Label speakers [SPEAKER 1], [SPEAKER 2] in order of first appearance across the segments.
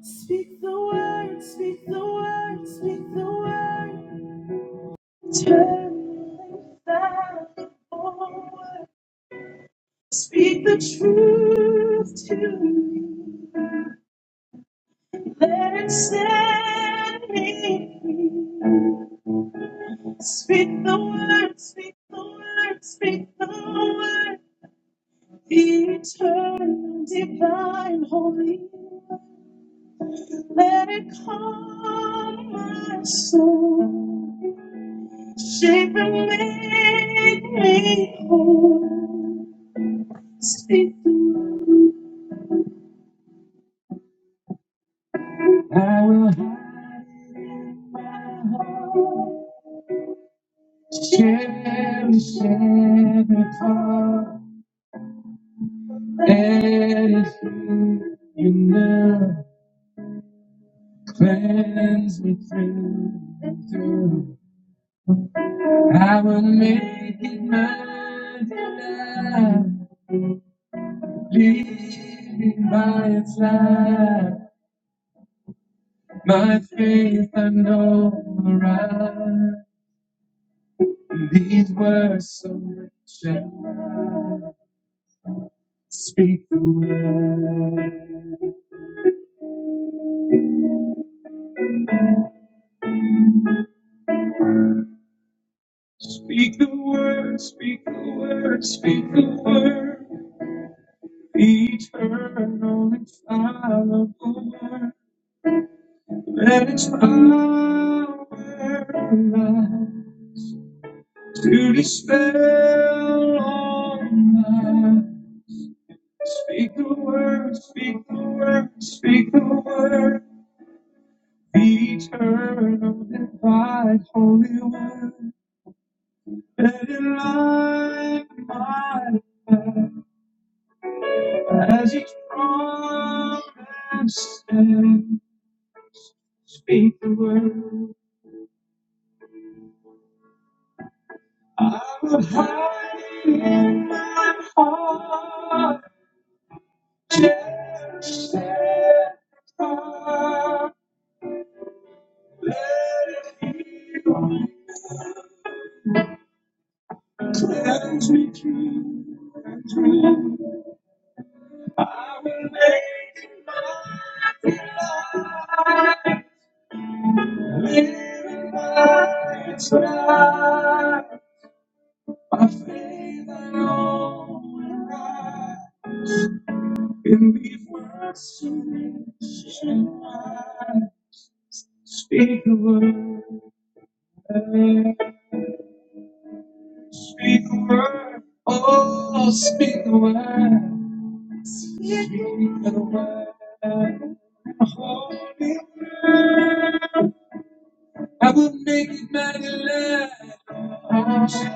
[SPEAKER 1] Speak the word, speak the word, speak the word. Turn back forward. Speak the truth to me. Let it set me free. Speak the word, speak the word, speak the word. Eternal, divine, holy. Let it calm my soul. She will make me whole. Speak the word. I will hide my heart. Cherish every part that is here. You know, cleanse me through and through. I will make it mine tonight. leaving by its light. My faith I know will rise. These words so rich and wild. Speak the word, speak the word, speak the word, speak the word. Eternal infallible word. Let its power arise to dispel all lies. Speak the word, speak the word, speak the word. Eternal, divine, holy one, let it light my path as each promise and speak the word. I will hide it in my heart, just set apart. Let it heal me, cleanse me through and through. I will will make it my its right. My faith alone will rise. In these words to me, Speak the word, speak the word, oh, speak the word, speak the word, holy. word. I will make it man alive. Speak the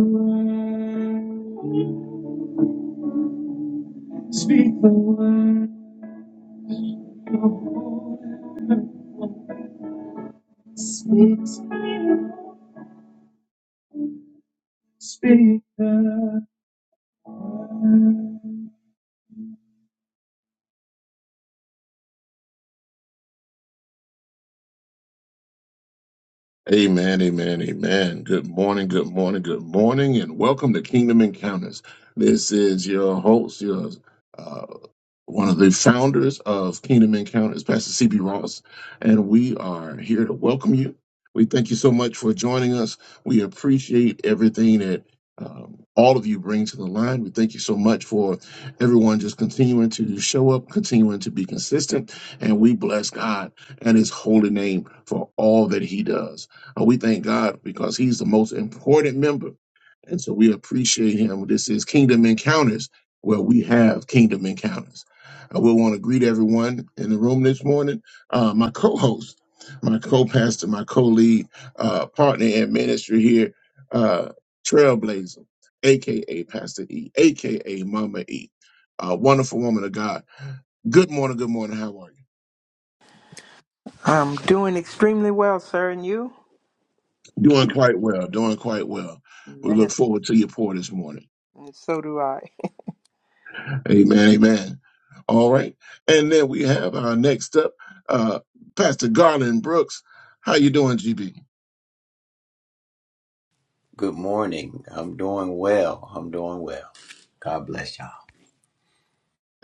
[SPEAKER 1] word, speak the word, speak, speak the word. Amen, amen, amen. Good morning, good morning, good morning, and welcome to Kingdom Encounters. This is your host, your uh, one of the founders of Kingdom Encounters, Pastor CB Ross, and we are here to welcome you. We thank you so much for joining us. We appreciate everything that um, all of you bring to the line. We thank you so much for everyone just continuing to show up, continuing to be consistent, and we bless God and His holy name for all that He does. Uh, we thank God because He's the most important member, and so we appreciate Him. This is Kingdom Encounters, where we have Kingdom Encounters. I would want to greet everyone in the room this morning. Uh, my co-host, my co-pastor, my co-lead, uh, partner in ministry here, uh, Trailblazer, aka Pastor E, aka Mama E, uh, wonderful woman of God. Good morning, good morning. How are
[SPEAKER 2] I'm doing extremely well, sir, and you?
[SPEAKER 1] you? Doing quite well. Doing quite well. We look
[SPEAKER 2] Man.
[SPEAKER 1] forward to your pour this morning.
[SPEAKER 2] And so do I.
[SPEAKER 1] Amen. Amen. All right, and then we have our next up, uh, Pastor Garland Brooks. How you doing, GB?
[SPEAKER 3] Good morning. I'm doing well. I'm doing well. God bless y'all.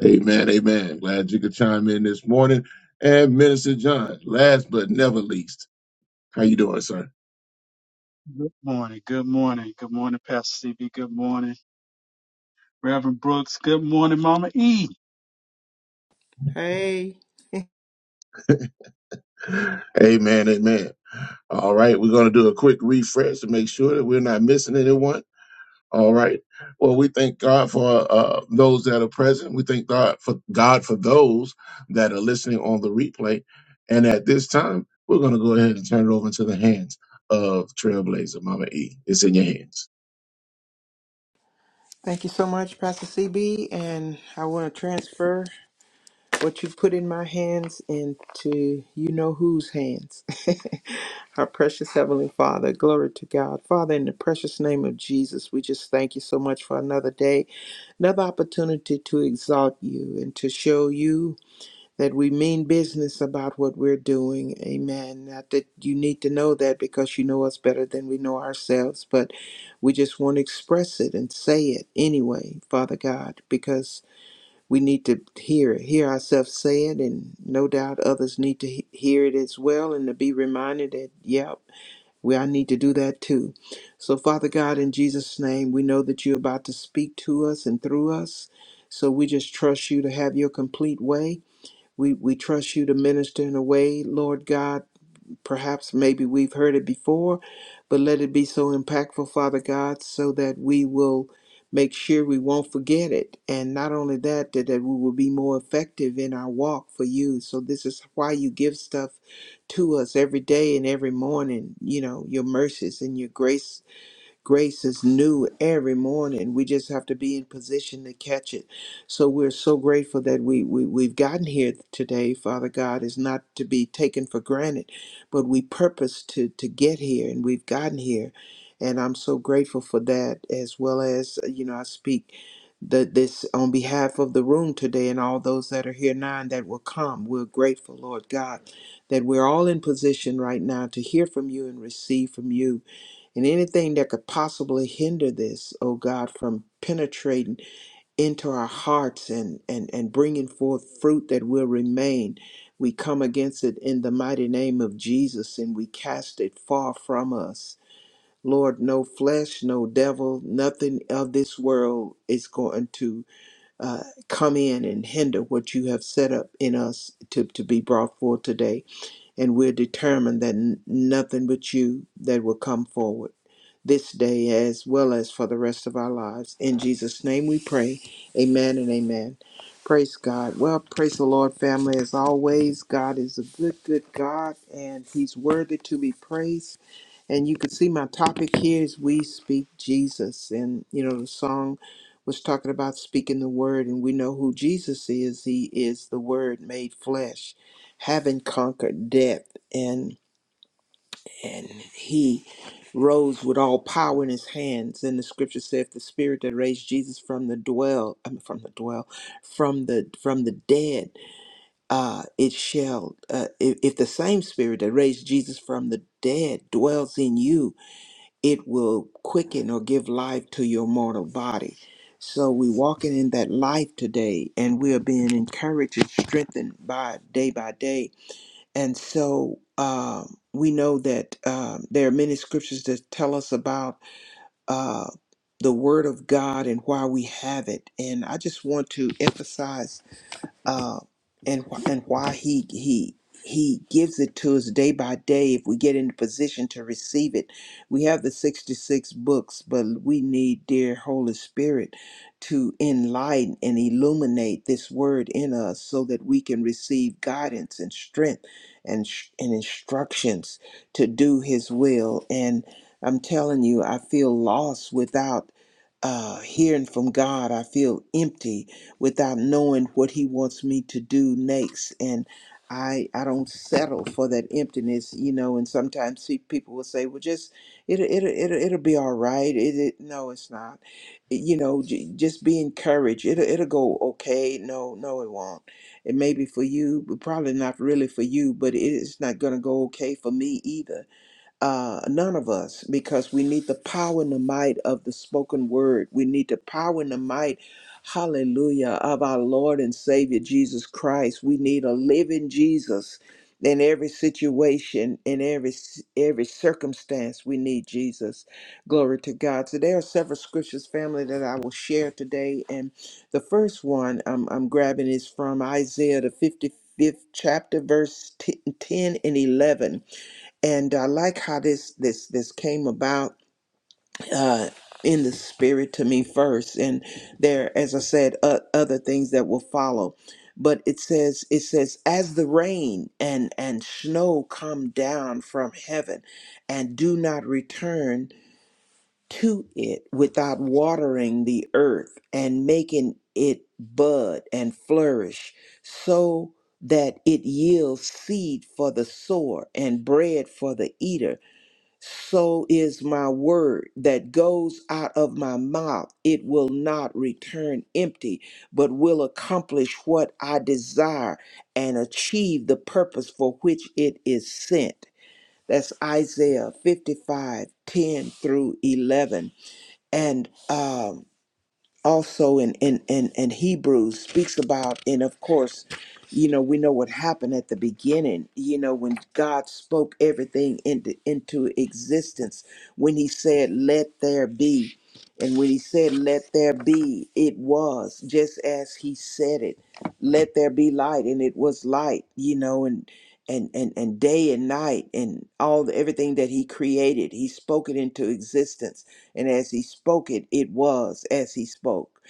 [SPEAKER 1] Amen. Amen. Glad you could chime in this morning. And Minister John, last but never least, how you doing, sir?
[SPEAKER 4] Good morning. Good morning. Good morning, Pastor CB. Good morning, Reverend Brooks. Good morning, Mama E.
[SPEAKER 2] Hey,
[SPEAKER 1] Amen. Amen. All right, we're going to do a quick refresh to make sure that we're not missing anyone. All right. Well, we thank God for uh, those that are present. We thank God for God for those that are listening on the replay. And at this time, we're going to go ahead and turn it over to the hands of Trailblazer Mama E. It's in your hands.
[SPEAKER 2] thank you so much, Pastor CB, and I want to transfer what you put in my hands into you know whose hands. Our precious Heavenly Father, glory to God. Father, in the precious name of Jesus, we just thank you so much for another day, another opportunity to exalt you and to show you. that we mean business about what we're doing. Amen. Not that you need to know that because you know us better than we know ourselves, but we just want to express it and say it anyway, Father God, because we need to hear it, hear ourselves say it, and no doubt others need to he- hear it as well and to be reminded that, yep, we, I need to do that too. So, Father God, in Jesus' name, we know that you're about to speak to us and through us. So, we just trust you to have your complete way we, we trust you to minister in a way, Lord God. Perhaps maybe we've heard it before, but let it be so impactful, Father God, so that we will make sure we won't forget it. And not only that, that, that we will be more effective in our walk for you. So this is why you give stuff to us every day and every morning, you know, your mercies and your grace Grace is new every morning. We just have to be in position to catch it. So we're so grateful that we, we we've gotten here today. Father God is not to be taken for granted, but we purpose to to get here, and we've gotten here. And I'm so grateful for that, as well as uh, you know, I speak the, this on behalf of the room today and all those that are here now and that will come. We're grateful, Lord God, that we're all in position right now to hear from you and receive from you and anything that could possibly hinder this, oh God, from penetrating into our hearts and, and, and bringing forth fruit that will remain, we come against it in the mighty name of Jesus and we cast it far from us. Lord, no flesh, no devil, nothing of this world is going to uh, come in and hinder what you have set up in us to, to be brought forth today. And we're determined that n- nothing but you that will come forward this day as well as for the rest of our lives. In Jesus' name we pray. Amen and amen. Praise God. Well, praise the Lord, family. As always, God is a good, good God, and He's worthy to be praised. And you can see my topic here is We Speak Jesus. And, you know, the song was talking about speaking the word, and we know who Jesus is. He is the word made flesh, having conquered death. And and he rose with all power in his hands. And the scripture said, "The spirit that raised Jesus from the dwell, I mean, from the dwell, from the from the dead, uh, it shall. Uh, if, if the same spirit that raised Jesus from the dead dwells in you, it will quicken or give life to your mortal body." So we walking in that life today, and we are being encouraged and strengthened by day by day and so um, we know that um, there are many scriptures that tell us about uh, the Word of God and why we have it. And I just want to emphasize uh, and wh- and why he he he gives it to us day by day if we get in the position to receive it. We have the 66 books, but we need dear Holy Spirit to enlighten and illuminate this word in us so that we can receive guidance and strength and sh- and instructions to do his will and I'm telling you I feel lost without uh hearing from God. I feel empty without knowing what he wants me to do next and I, I don't settle for that emptiness, you know. And sometimes see, people will say, "Well, just it'll it'll it'll, it'll be all right." It, it no, it's not. you know, j- just be encouraged. It'll it'll go okay. No, no, it won't. It may be for you, but probably not really for you. But it's not gonna go okay for me either uh, none of us, because we need the power and the might of the spoken word. We need the power and the might, hallelujah, of our Lord and Savior Jesus Christ. We need a living Jesus in every situation, in every every circumstance. We need Jesus. Glory to God. So there are several scriptures, family, that I will share today, and the first one I'm, I'm grabbing is from Isaiah the 55th chapter, verse 10 and 11 and I like how this this this came about uh, in the spirit to me first, and there, as I said, uh, other things that will follow. But it says it says as the rain and and snow come down from heaven, and do not return to it without watering the earth and making it bud and flourish, so that it yields seed for the sower and bread for the eater so is my word that goes out of my mouth. It will not return empty, but will accomplish what I desire and achieve the purpose for which it is sent. That's Isaiah 55 10 through 11. And um also in, in, in, in Hebrews speaks about, and of course, you know, we know what happened at the beginning, you know, when God spoke everything into, into existence, when he said, let there be. And when he said, let there be, it was just as he said it, let there be light. And it was light, you know, and, and, and, and day and night and all the, everything that he created, he spoke it into existence and as he spoke it, it was as he spoke.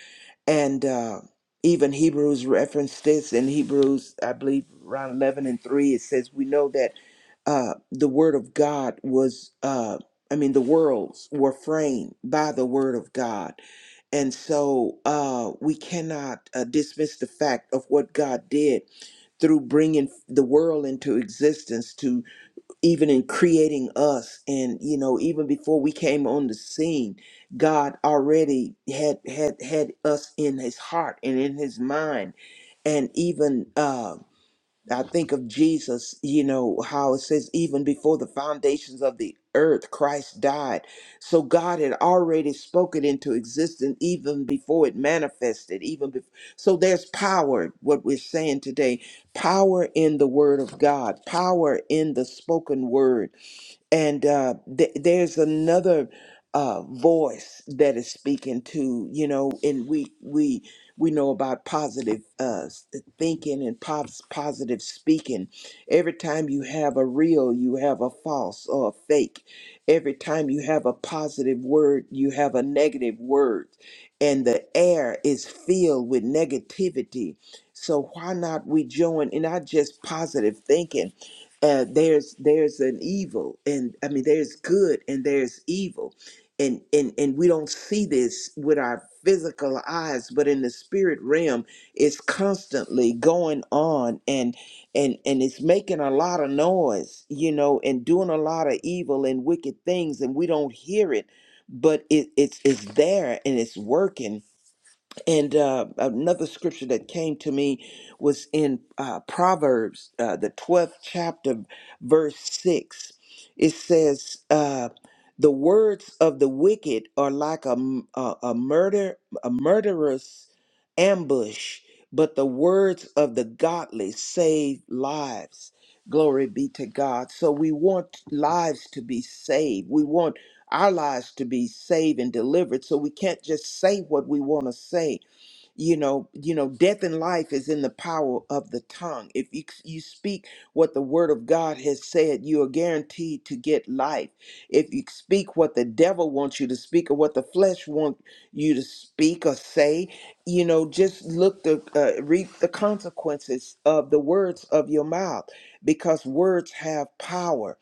[SPEAKER 2] And uh, even Hebrews referenced this in Hebrews, I believe, around 11 and 3. It says, We know that uh, the word of God was, uh, I mean, the worlds were framed by the word of God. And so uh, we cannot uh, dismiss the fact of what God did through bringing the world into existence To even in creating us and you know even before we came on the scene god already had had had us in his heart and in his mind and even uh i think of jesus you know how it says even before the foundations of the earth christ died so god had already spoken into existence even before it manifested even before so there's power what we're saying today power in the word of god power in the spoken word and uh, th- there's another uh, voice that is speaking to you know and we we we know about positive uh, s- thinking and pos- positive speaking every time you have a real you have a false or a fake every time you have a positive word you have a negative word and the air is filled with negativity so why not we join in not just positive thinking uh, there's there's an evil and i mean there's good and there's evil and and and we don't see this with our physical eyes but in the spirit realm it's constantly going on and and and it's making a lot of noise you know and doing a lot of evil and wicked things and we don't hear it but it, it's it's there and it's working and uh, another scripture that came to me was in uh, Proverbs, uh, the 12th chapter, verse 6. It says, uh, The words of the wicked are like a, m- a, a murder, a murderous ambush, but the words of the godly save lives. Glory be to God. So we want lives to be saved. We want our lives to be saved and delivered. So we can't just say what we want to say you know you know death and life is in the power of the tongue if you, you speak what the word of god has said you are guaranteed to get life if you speak what the devil wants you to speak or what the flesh wants you to speak or say you know just look the uh, reap the consequences of the words of your mouth because words have power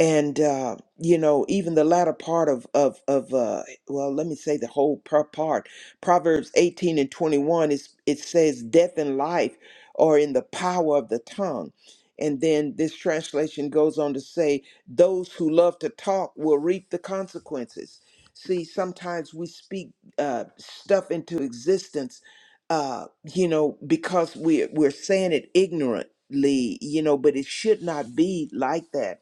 [SPEAKER 2] and uh, you know even the latter part of of of uh, well let me say the whole par- part Proverbs 18 and 21 is it says death and life are in the power of the tongue. And then this translation goes on to say those who love to talk will reap the consequences. See, sometimes we speak uh, stuff into existence, uh, you know, because we're we're saying it ignorantly, you know, but it should not be like that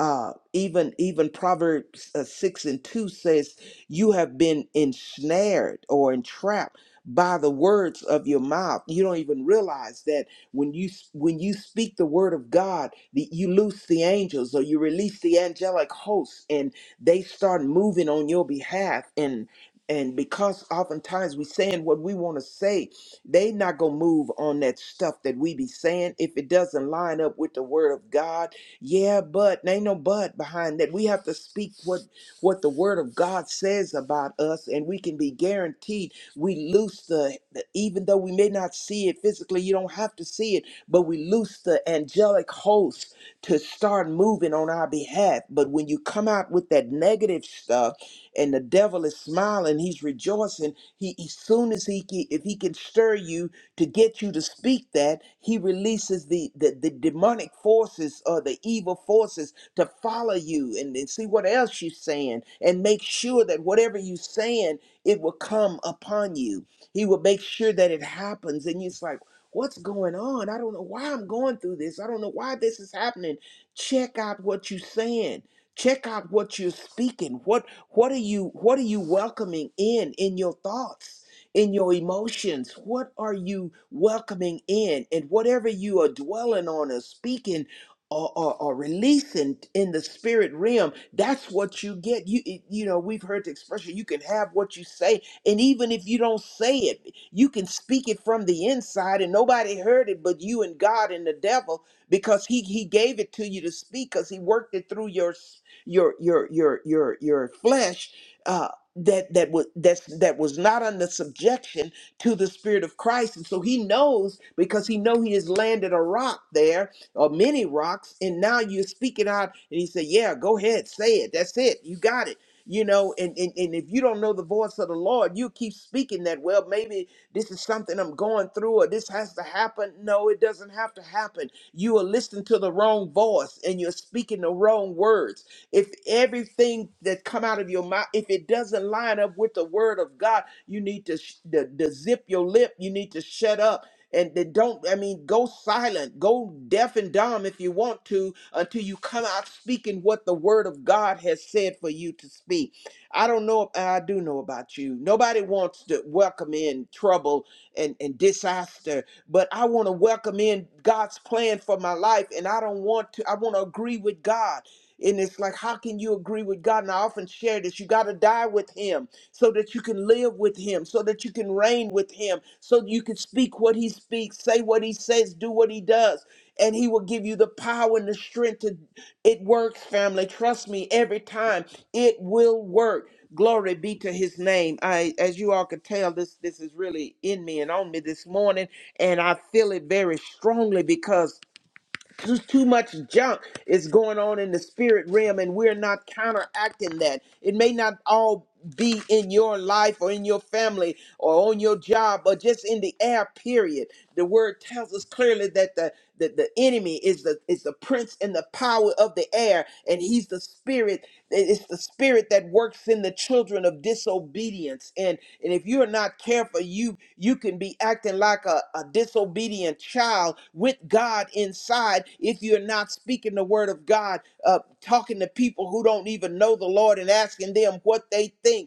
[SPEAKER 2] uh, even even Proverbs uh, six and two says you have been ensnared or entrapped by the words of your mouth. You don't even realize that when you when you speak the word of God, the, you loose the angels or you release the angelic hosts, and they start moving on your behalf. And and because oftentimes we saying what we want to say, they not gonna move on that stuff that we be saying if it doesn't line up with the word of God. Yeah, but there ain't no but behind that. We have to speak what what the Word of God says about us, and we can be guaranteed we loose the, the- even though we may not see it physically, you don't have to see it, but we loose the angelic host to start moving on our behalf. But when you come out with that negative stuff, and the devil is smiling, he's rejoicing. He, as soon as he can, if he can stir you to get you to speak that, he releases the the, the demonic forces or the evil forces to follow you and, and see what else you're saying and make sure that whatever you're saying, it will come upon you. He will make sure that it happens. And it's like, what's going on? I don't know why I'm going through this. I don't know why this is happening. Check out what you're saying. Check out what you're speaking. What what are you what are you welcoming in in your thoughts, in your emotions? What are you welcoming in? And whatever you are dwelling on or speaking or, or, or releasing in the spirit realm that's what you get you it- you know we've heard the expression you can have what you say and even if you don't say it you can speak it from the inside and nobody heard it but you and god and the devil because he he gave it to you to speak because he worked it through your s- your your your your your flesh uh that that was that's that was not under subjection to the spirit of christ and so he knows because he know he has landed a rock there or many rocks, and now you're speaking out. And he said, Yeah, go ahead, say it. That's it. You got it. You know, and, and, and if you don't know the voice of the Lord, you keep speaking that, well, maybe this is something I'm going through or this has to happen. No, it doesn't have to happen. You are listening to the wrong voice and you're speaking the wrong words. If everything that come out of your mouth, if it doesn't line up with the word of God, you need to, sh- to, to zip your lip. You need to shut up and they don't i mean go silent go deaf and dumb if you want to until you come out speaking what the word of god has said for you to speak i don't know i do know about you nobody wants to welcome in trouble and, and disaster but i want to welcome in god's plan for my life and i don't want to i want to agree with god and it's like how can you agree with god and i often share this you got to die with him so that you can live with him, so that you can reign with him, so you can speak what he speaks, say what he says, do what he does. And he will give you the power and the strength to it works, family. Trust me, every time it will work. Glory be to his name. I as you all can tell, this this is really in me and on me this morning, and I feel it very strongly because too, too much junk is going on in the spirit realm and we're not counteracting that it may not all be in your life or in your family or on your job or just in the air period the word tells us clearly that the the, the enemy is the is the prince and the power of the air and he's the spirit it- It's the spirit that works in the children of disobedience. And, and if you're not careful, you you can be acting like a, a disobedient child with God inside if you're not speaking the word of God, uh, talking to people who don't even know the Lord and asking them what they think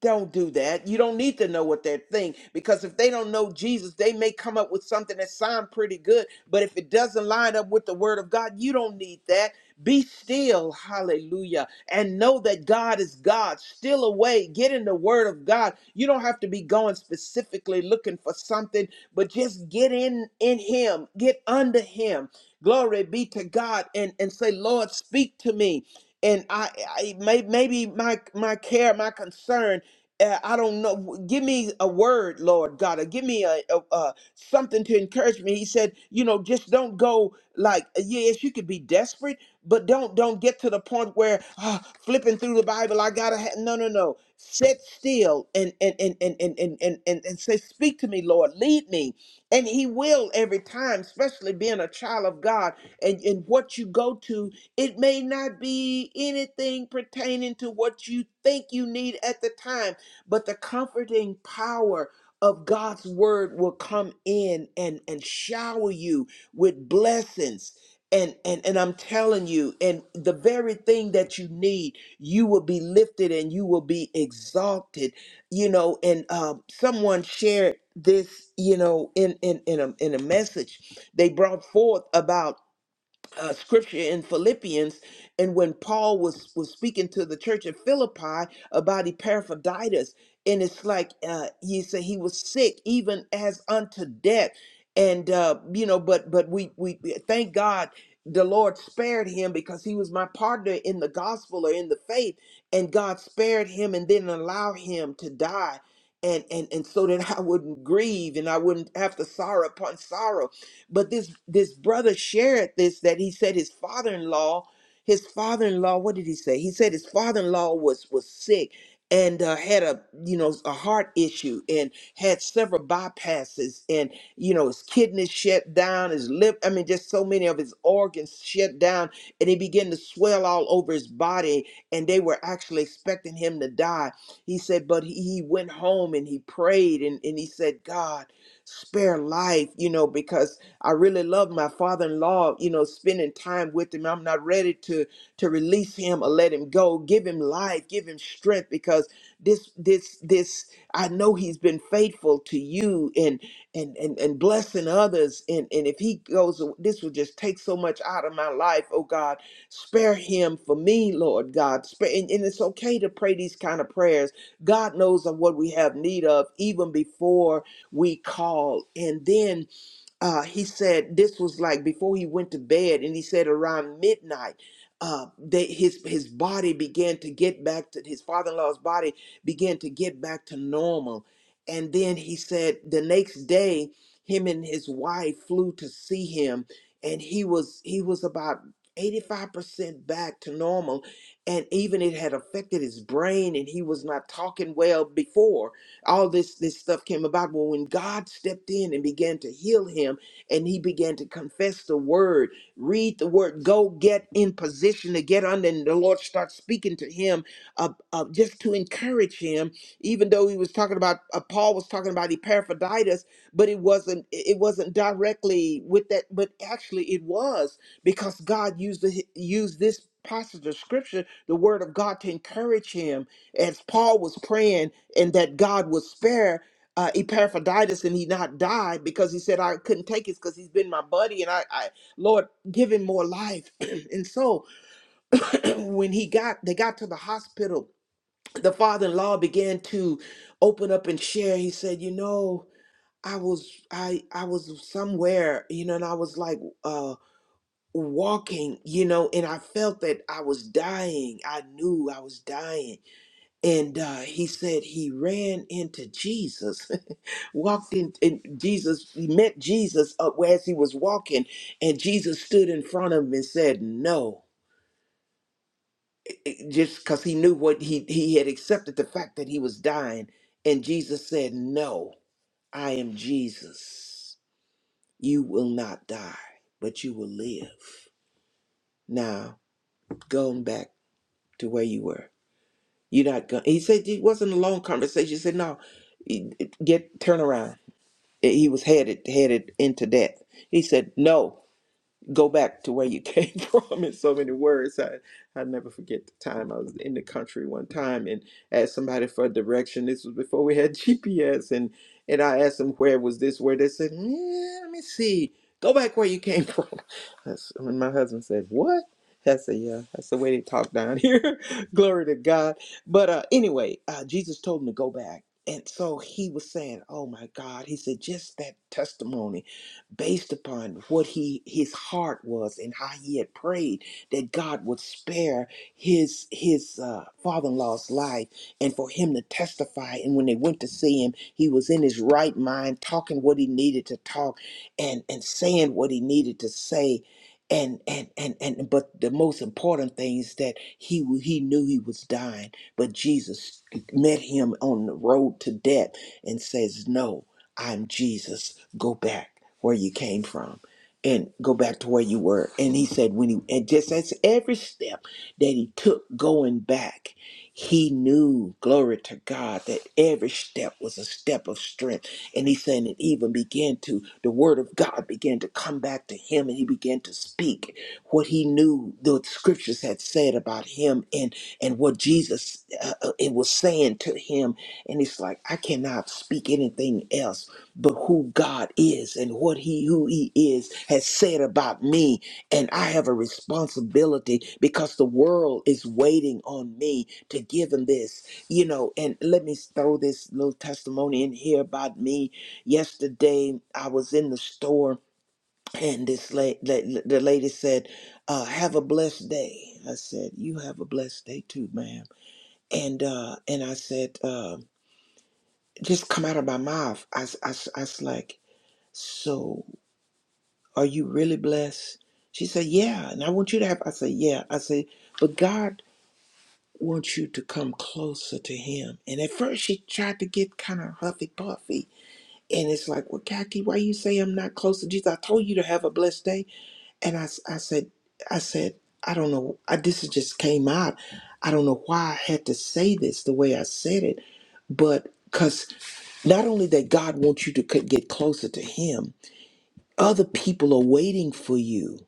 [SPEAKER 2] don't do that. You don't need to know what they're thinking because if they don't know Jesus, they may come up with something that sounds pretty good, but if it doesn't line up with the word of God, you don't need that. Be still, hallelujah, and know that God is God. Still away, get in the word of God. You don't have to be going specifically looking for something, but just get in in him, get under him. Glory be to God and and say, "Lord, speak to me." And I, I may, maybe my my care, my concern uh, I don't know. Give me a word, Lord God, or give me a, a, a something to encourage me. He said, you know, just don't go like, uh, yes, you could be desperate, but don't don't get to the point where ah, flipping through the Bible. I gotta ha-. no, no, no. Sit still and and and and and and and and and say, speak to me, Lord, lead me, and He will every time. Especially being a child of God, and and what you go to, it may not be anything pertaining to what you think you need at the time but the comforting power of God's word will come in and and shower you with blessings and and and I'm telling you and the very thing that you need you will be lifted and you will be exalted you know and um someone shared this you know in in in a in a message they brought forth about uh, scripture in Philippians, and when Paul was was speaking to the church at Philippi about Epaphroditus, and it's like uh, he said he was sick even as unto death, and uh, you know, but but we we we- thank God the Lord spared him because he was my partner in the gospel or in the faith, and God spared him and didn't allow him to die. And, and, and so that I wouldn't grieve and I wouldn't have to sorrow upon sorrow. But this this brother shared this that he said his father-in-law, his father-in-law, what did he say? He said his father-in-law was was sick and uh, had a you know a heart issue and had several bypasses and you know his kidneys shut down his lip i mean just so many of his organs shut down and he began to swell all over his body and they were actually expecting him to die he said but he, he went home and he prayed and, and he said god spare life you know because I really love my father-in-law, you know, spending time with him. I'm not ready to to release him or let him go. Give him life, give him strength because this this this I know he's been faithful to you and and and, and blessing others and and if he goes this will just take so much out of my life, oh God. Spare him for me, Lord God. Spare and, and it's okay to pray these kind of prayers. God knows of what we have need of even before we call. And then uh, he said this was like before he went to bed, and he said around midnight, uh, they, his his body began to get back to his father-in-law's body began to get back to normal, and then he said the next day, him and his wife flew to see him, and he was he was about. 85% back to normal and even it had affected his brain and he was not talking well before all this this stuff came about well when god stepped in and began to heal him and he began to confess the word read the word go get in position to get under and the lord starts speaking to him uh, uh, just to encourage him even though he was talking about uh, paul was talking about epaphroditus but it wasn't it wasn't directly with that but actually it was because god used the used this passage of scripture the word of god to encourage him as paul was praying and that God would spare uh, Epaphroditus and he not die because he said I couldn't take it because he's been my buddy and I, I Lord give him more life. and so when he got they got to the hospital, the father-in-law began to open up and share. He said, you know, I was I I was somewhere, you know, and I was like uh walking, you know, and I felt that I was dying. I knew I was dying and uh, he said he ran into Jesus, walked in, and Jesus, he met Jesus up as he was walking, and Jesus stood in front of him and said, No, It- just because he knew what he, he had accepted the fact that he was dying. And Jesus said, No, I am Jesus. You will not die, but you will live. Now, going back to where you were, you're not going. He said, It wasn't a long conversation. He said, No, get turn around he was headed headed into death. He said, "No, go back to where you came from in so many words. I I never forget the time I was in the country one time and asked somebody for a direction. This was before we had GPS, and and I asked them where was this, where they said, "Mm, let me see, go back where you came from. That's, and my husband said, what? I said, yeah, that's the way they talk down here. Glory to God. But uh, anyway, uh, Jesus told him to go back. And so he was saying, Oh my God. He said, Just that testimony based upon what he his heart was and how he had prayed that God would spare his his uh, father-in-law's life and for him to testify and when they went to see him he was in his right mind talking what he needed to talk and and saying what he needed to say and and and and but the most important thing is that he w- he knew he was dying but Jesus met him on the road to death and says no I'm Jesus go back where you came from and go back to where you were. And he said, when he, and just as every step that he took going back, he knew, glory to God, that every step was a step of strength. And he said, it even began to, the word of God began to come back to him and he began to speak what he knew the scriptures had said about him and, and what Jesus uh, uh, it was saying to him. And it's like, I cannot speak anything else but who God is and what he who he is has said about me and I have a responsibility because the world is waiting on me to give him this you know and let me throw this little testimony in here about me yesterday I was in the store and this la- la- the lady said uh, have a blessed day I said you have a blessed day too ma'am and uh and I said uh just come out of my mouth I, s- I, s- I was like so, are you really blessed? She said, Yeah. And I want you to have, I said, Yeah. I said, But God wants you to come closer to Him. And at first, she tried to get kind of huffy puffy. And it's like, Well, Kaki, why you say I'm not close to Jesus? I told you to have a blessed day. And I, s- I said, I said, I don't know. I, this is just came out. I don't know why I had to say this the way I said it, but because not only that God wants you to c- get closer to Him, other people are waiting for you.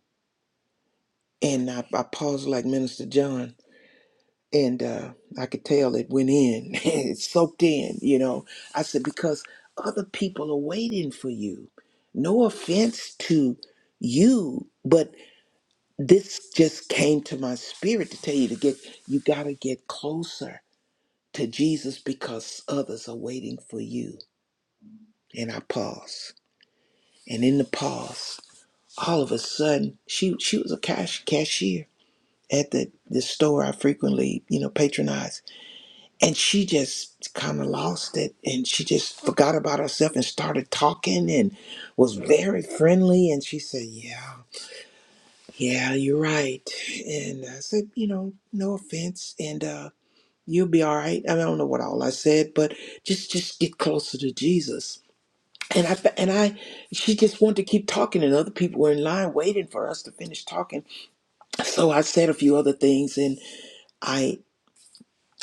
[SPEAKER 2] And I, I paused like Minister John, and uh, I could tell it went in, it soaked in, you know. I said, because other people are waiting for you. No offense to you, but this just came to my spirit to tell you to get, you got to get closer to Jesus because others are waiting for you. And I paused. And in the pause, all of a sudden, she she was a cash cashier at the, the store I frequently, you know, patronize. And she just kind of lost it and she just forgot about herself and started talking and was very friendly. And she said, Yeah, yeah, you're right. And I said, You know, no offense. And, uh, You'll be all right. I, mean, I don't know what all I said, but just just get closer to Jesus. And I fe- and I, she just wanted to keep talking, and other people were in line waiting for us to finish talking. So I said a few other things, and I.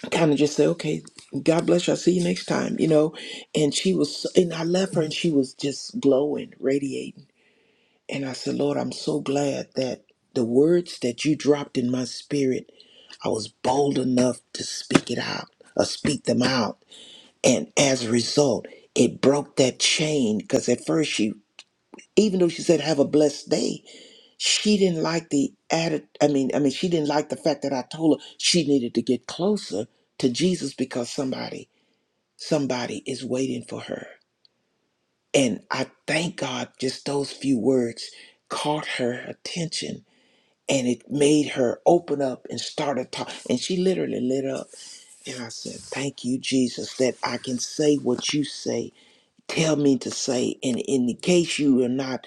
[SPEAKER 2] kind of just say, okay, God bless you. I'll see you next time, you know. And she was, so, and I left her and she was just glowing, radiating. And I said, Lord, I'm so glad that the words that you dropped in my spirit, I was bold enough to speak it out or speak them out. And as a result, it broke that chain because at first she, even though she said have a blessed day, she didn't like the added. I mean, I mean, she didn't like the fact that I told her she needed to get closer to Jesus because somebody somebody is waiting for her. And I thank God just those few words caught her attention and it made her open up and started talking. And she literally lit up. And I said, Thank you, Jesus, that I can say what you say tell me to say. And, in the case you are not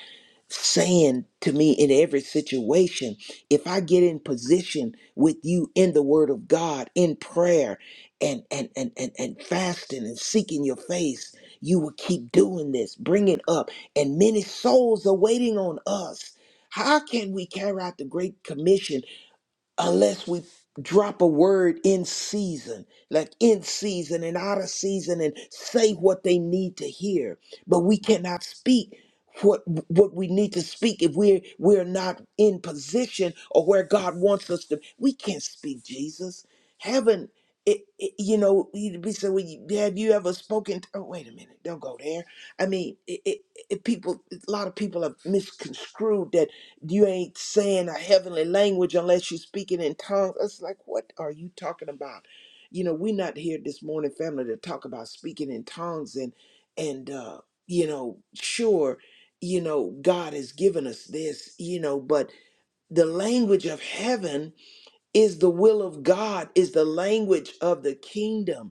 [SPEAKER 2] saying to me in every situation, if I get in position with you in the word of God, in prayer and and and and, and fasting and seeking your face, you will keep doing this, bring it up. And many souls are waiting on us. How can we carry out the Great Commission unless we drop a word in season, like in season and out of season, and say what they need to hear. But we cannot speak what what we need to speak if we're we're not in position or where God wants us to. We can't speak Jesus. Heaven. It, it, you know, you- we say, well, you- have you ever spoken? To, oh, wait a minute, don't go there. I mean, it, it, it, people, a lot of people have misconstrued that you ain't saying a heavenly language unless you're speaking in tongues. It's like, what are you talking about? You know, we're not here this morning, family, to talk about speaking in tongues and and uh, you know, sure, you know, God has given us this, you know, but the language of heaven is the will of God, is the language of the kingdom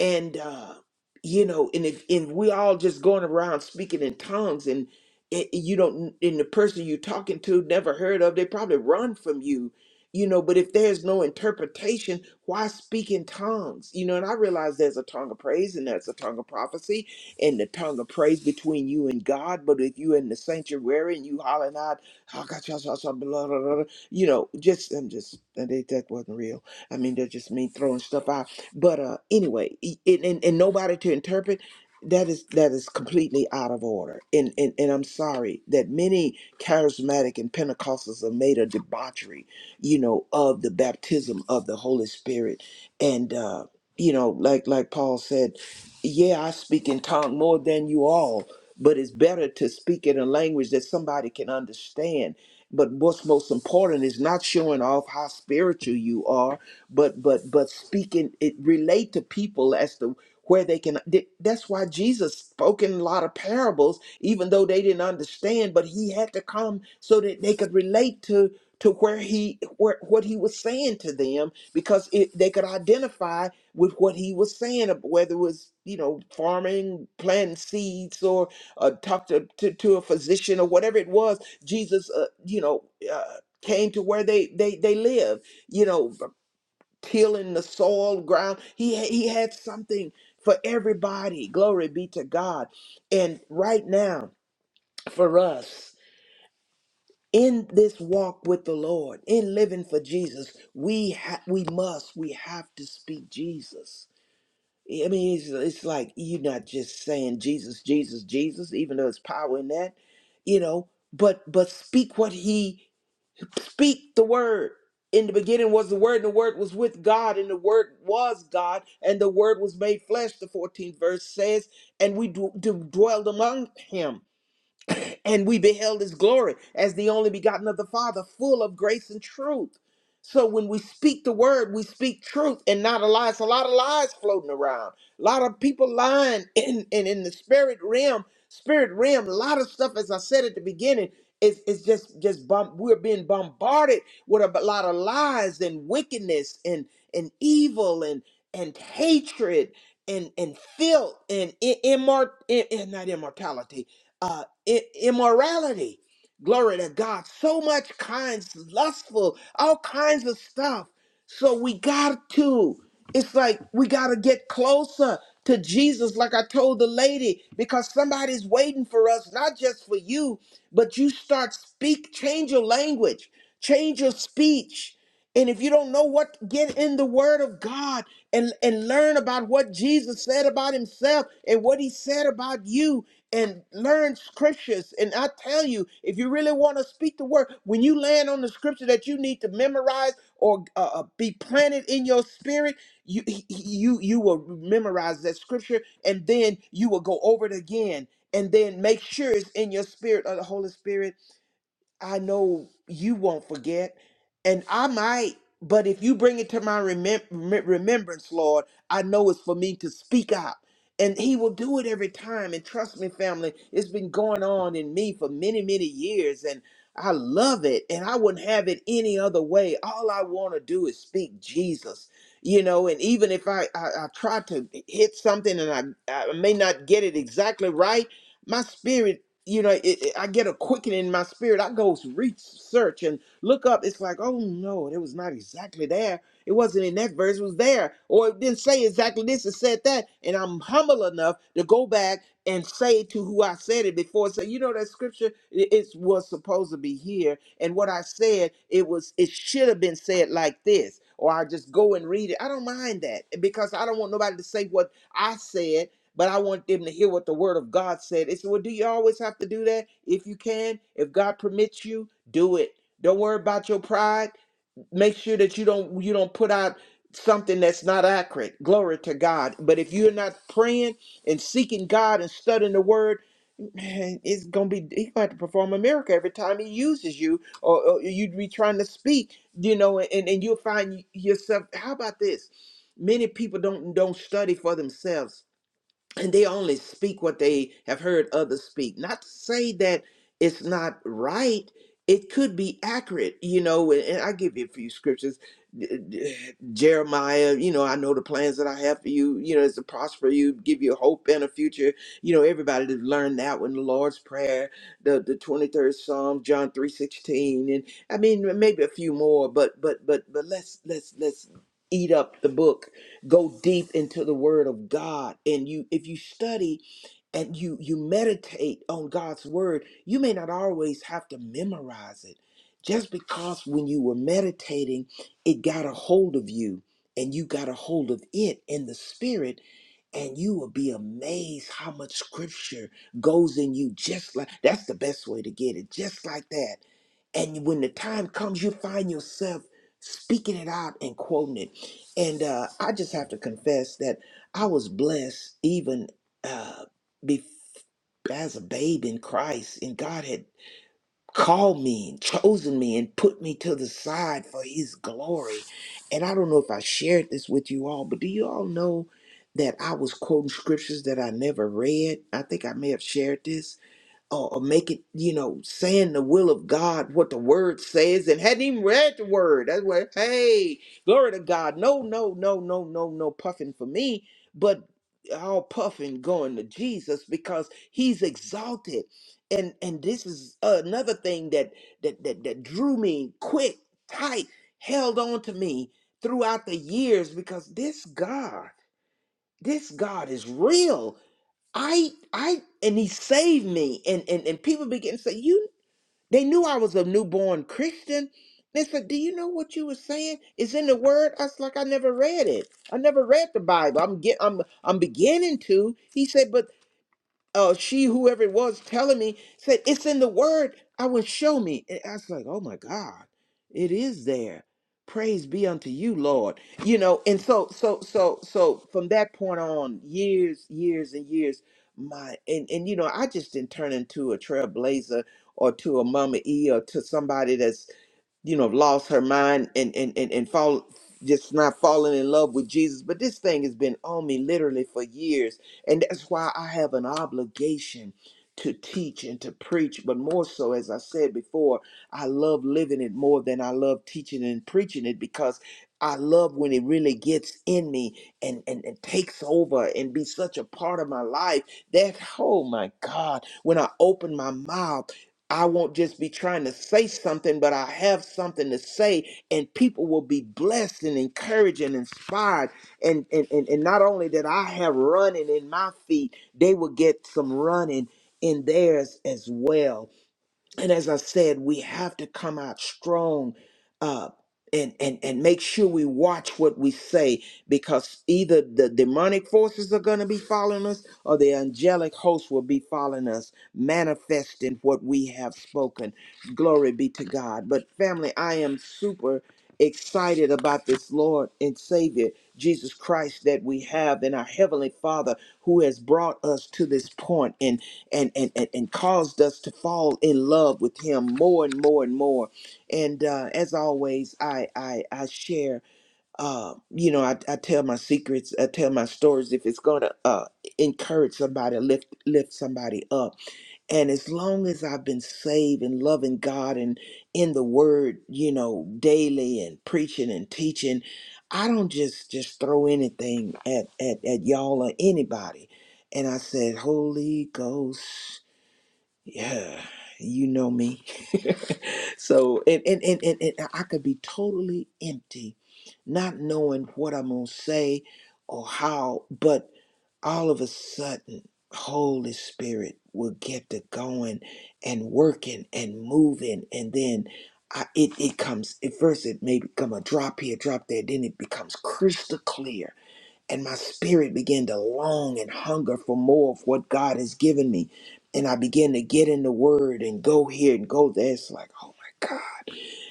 [SPEAKER 2] and uh you know and if and we all just going around speaking in tongues and it, you don't and the person you're talking to never heard of they probably run from you you know but if there's no interpretation why speak in tongues you know and i realize there's a tongue of praise and there's a tongue of prophecy and the tongue of praise between you and god but if you in the sanctuary and you hollering out "Ah, gotcha, gotcha, gotcha, blah, blah, blah," you know just i'm just that that wasn't real i mean they're just me throwing stuff out but uh, anyway, e- and, and, and nobody to interpret that is that is completely out of order. And, and and I'm sorry that many charismatic and Pentecostals have made a debauchery, you know, of the baptism of the Holy Spirit. And uh, you know, like like Paul said, yeah, I speak in tongue more than you all, but it's better to speak in a language that somebody can understand. But what's most important is not showing off how spiritual you are but but but speaking it relate to people as to where they can th- that's why jesus spoke in a lot of parables even though they didn't understand but he had to come so that they could relate to to where he where what he was saying to them because it, they could identify with what he was saying ab- whether it was you know farming planting seeds or uh, talk to, to to a physician or whatever it was jesus uh, you know uh, came to where they they they live you know tilling the soil ground. He he had something for everybody. Glory be to God. And right now for us in this walk with the Lord, in living for Jesus, we ha- we must we have to speak Jesus. I mean, it's, it's like you're not just saying Jesus, Jesus, Jesus, even though it's power in that, you know. But but speak what he Speak the word. In the beginning was the word, and the word was with God, and the word was God, and the word was made flesh. The 14th verse says, and we d- d- dwelled among him and we beheld his glory as the only begotten of the Father, full of grace and truth. So when we speak the word, we speak truth and not a lie. It's a lot of lies floating around. A lot of people lying in in, in the spirit realm, spirit realm, a lot of stuff, as I said at the beginning, it's it's just just bomb, we're being bombarded with a lot of lies and wickedness and and evil and and hatred and and filth and i- immort and not immortality uh, i- immorality. Glory to God. So much kinds, lustful, all kinds of stuff. So we got to, it's like we got to get closer to Jesus, like I told the lady, because somebody's waiting for us, not just for you, but you start speak, change your language, change your speech. And if you don't know what, get in the word of God and, and learn about what Jesus said about himself and what he said about you and learn scriptures. And I tell you, if you really want to speak the word, when you land on the scripture that you need to memorize or uh, uh, be planted in your spirit, you he- he- you you will memorize that scripture, and then you will go over it again, and then make sure it's in your spirit or the Holy Spirit I know you won't forget, and I might. But if you bring it to my remem- rem- remembrance, Lord, I know it's for me to speak out. And He will do it every time. And trust me, family, it's been going on in me for many, many years. And I love it. And I wouldn't have it any other way. All I want to do is speak Jesus, you know. And even if I, I, I try to hit something and I, I may not get it exactly right, my spirit you know, it, it- I get a quickening in my spirit. I go research and look up. It's like, oh no, it was not exactly there. It wasn't in that verse. It was there, or it didn't say exactly this. It said that, and I'm humble enough to go back and say to who I said it before. So you know that scripture it, it was supposed to be here, and what I said it was it should have been said like this. Or I just go and read it. I don't mind that because I don't want nobody to say what I said but I want them to hear what the word of God said. It's well, do you always have to do that? If you can, if God permits you, do it. Don't worry about your pride. Make sure that you don't you don't put out something that's not accurate. Glory to God. But if you're not praying and seeking God and studying the word, man, it's gonna be he's gonna have to perform a miracle every time he uses you or, or you'd be trying to speak, you know, and, and you'll find yourself, how about this? Many people don't don't study for themselves and they only speak what they have heard others speak not to say that it's not right it could be accurate you know and, and i give you a few scriptures D- d- jeremiah you know i know the plans that i have for you you know it's to prosper you give you hope and a future you know everybody to learn that one the lord's prayer the the 23rd psalm john 316 and i mean maybe a few more but but but but let's let's let's eat up the book go deep into the word of god and you if you study and you you meditate on god's word you may not always have to memorize it just because when you were meditating it got a hold of you and you got a hold of it in the spirit and you will be amazed how much scripture goes in you just like that's the best way to get it just like that and when the time comes you find yourself speaking it out and quoting it and uh, i just have to confess that i was blessed even uh, bef- as a babe in christ and god had called me and chosen me and put me to the side for his glory. And I don't know if I shared this with you all, but do you all know that I was quoting scriptures that I never read? I think I may have shared this or, or make it, you know, saying the will of God, what the word says, and hadn't even read the word. That's why, hey, glory to God. No, no, no, no, no, no puffing for me, but all puffing going to Jesus because he's exalted. And and this is another thing that that that, that drew me quick, tight, held on to me throughout the years because this God, this God is real I I and he saved me. And and, and people began to say, You they knew I was a newborn Christian. They said, Do you know what you were saying? It's in the word. I was like, I never read it. I never read the Bible. I'm get I'm I'm beginning to. He said, but uh, she, whoever it was, telling me, said, It's in the word. I will show me. And I was like, Oh my God, it is there. Praise be unto you, Lord. You know, and so, so, so, so from that point on, years, years, and years, my, and, and, you know, I just didn't turn into a trailblazer or to a mama E or to somebody that's you know, lost her mind and and and, and fall just not falling in love with Jesus. But this thing has been on me literally for years. And that's why I have an obligation to teach and to preach. But more so, as I said before, I love living it more than I love teaching and preaching it because I love when it really gets in me and, and, and takes over and be such a part of my life. That oh my God, when I open my mouth. I won't just be trying to say something, but I have something to say, and people will be blessed and encouraged and inspired. And and, and, and not only that I have running in my feet, they will get some running in theirs as well and as I said, we have to come out strong uh, and, and, and make sure we watch what we say because either the demonic forces are going to be following us or the angelic host will be following us, manifesting what we have spoken. Glory be to God. But, family, I am super excited about this Lord and Savior, Jesus Christ, that we have in our Heavenly Father who has brought us to this point and, and and and caused us to fall in love with him more and more and more and uh as always i i i share uh you know i, I tell my secrets i tell my stories if it's gonna uh encourage somebody lift lift somebody up and as long as i've been saved and loving god and in the word you know daily and preaching and teaching i don't just just throw anything at at, at y'all or anybody and i said holy ghost yeah, you know me. so and and, and and and I could be totally empty, not knowing what I'm gonna say or how, but all of a sudden, Holy Spirit will get to going and working and moving, and then I, it it comes. At first, it may become a drop here, drop there. Then it becomes crystal clear and my spirit began to long and hunger for more of what God has given me. And I began to get in the word and go here and go there. It's like, oh my God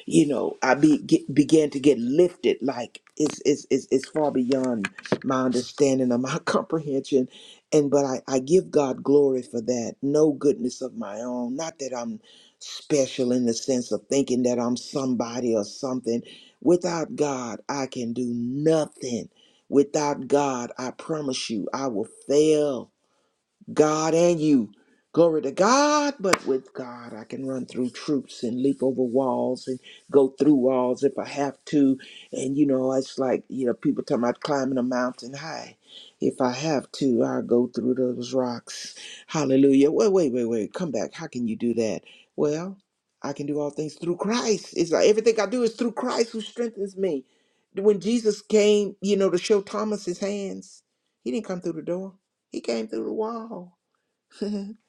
[SPEAKER 2] you know, I be, get, began to get lifted. Like it's, it's, it's, it's far beyond my understanding or my comprehension. And but I, I give God glory for that. No goodness of my own. Not that I'm special in the sense of thinking that I'm somebody or something. Without God, I can do nothing. Without God, I promise you, I will fail. God and you. Glory to God, but with God, I can run through troops and leap over walls and go through walls if I have to. And you know, it's like, you know, people talking about climbing a mountain high. If I have to, I'll go through those rocks. Hallelujah. Wait, wait, wait, wait. Come back. How can you do that? Well, I can do all things through Christ. It's like everything I do is through Christ who strengthens me. When Jesus came, you know, to show Thomas his hands, he didn't come through the door. He came through the wall, not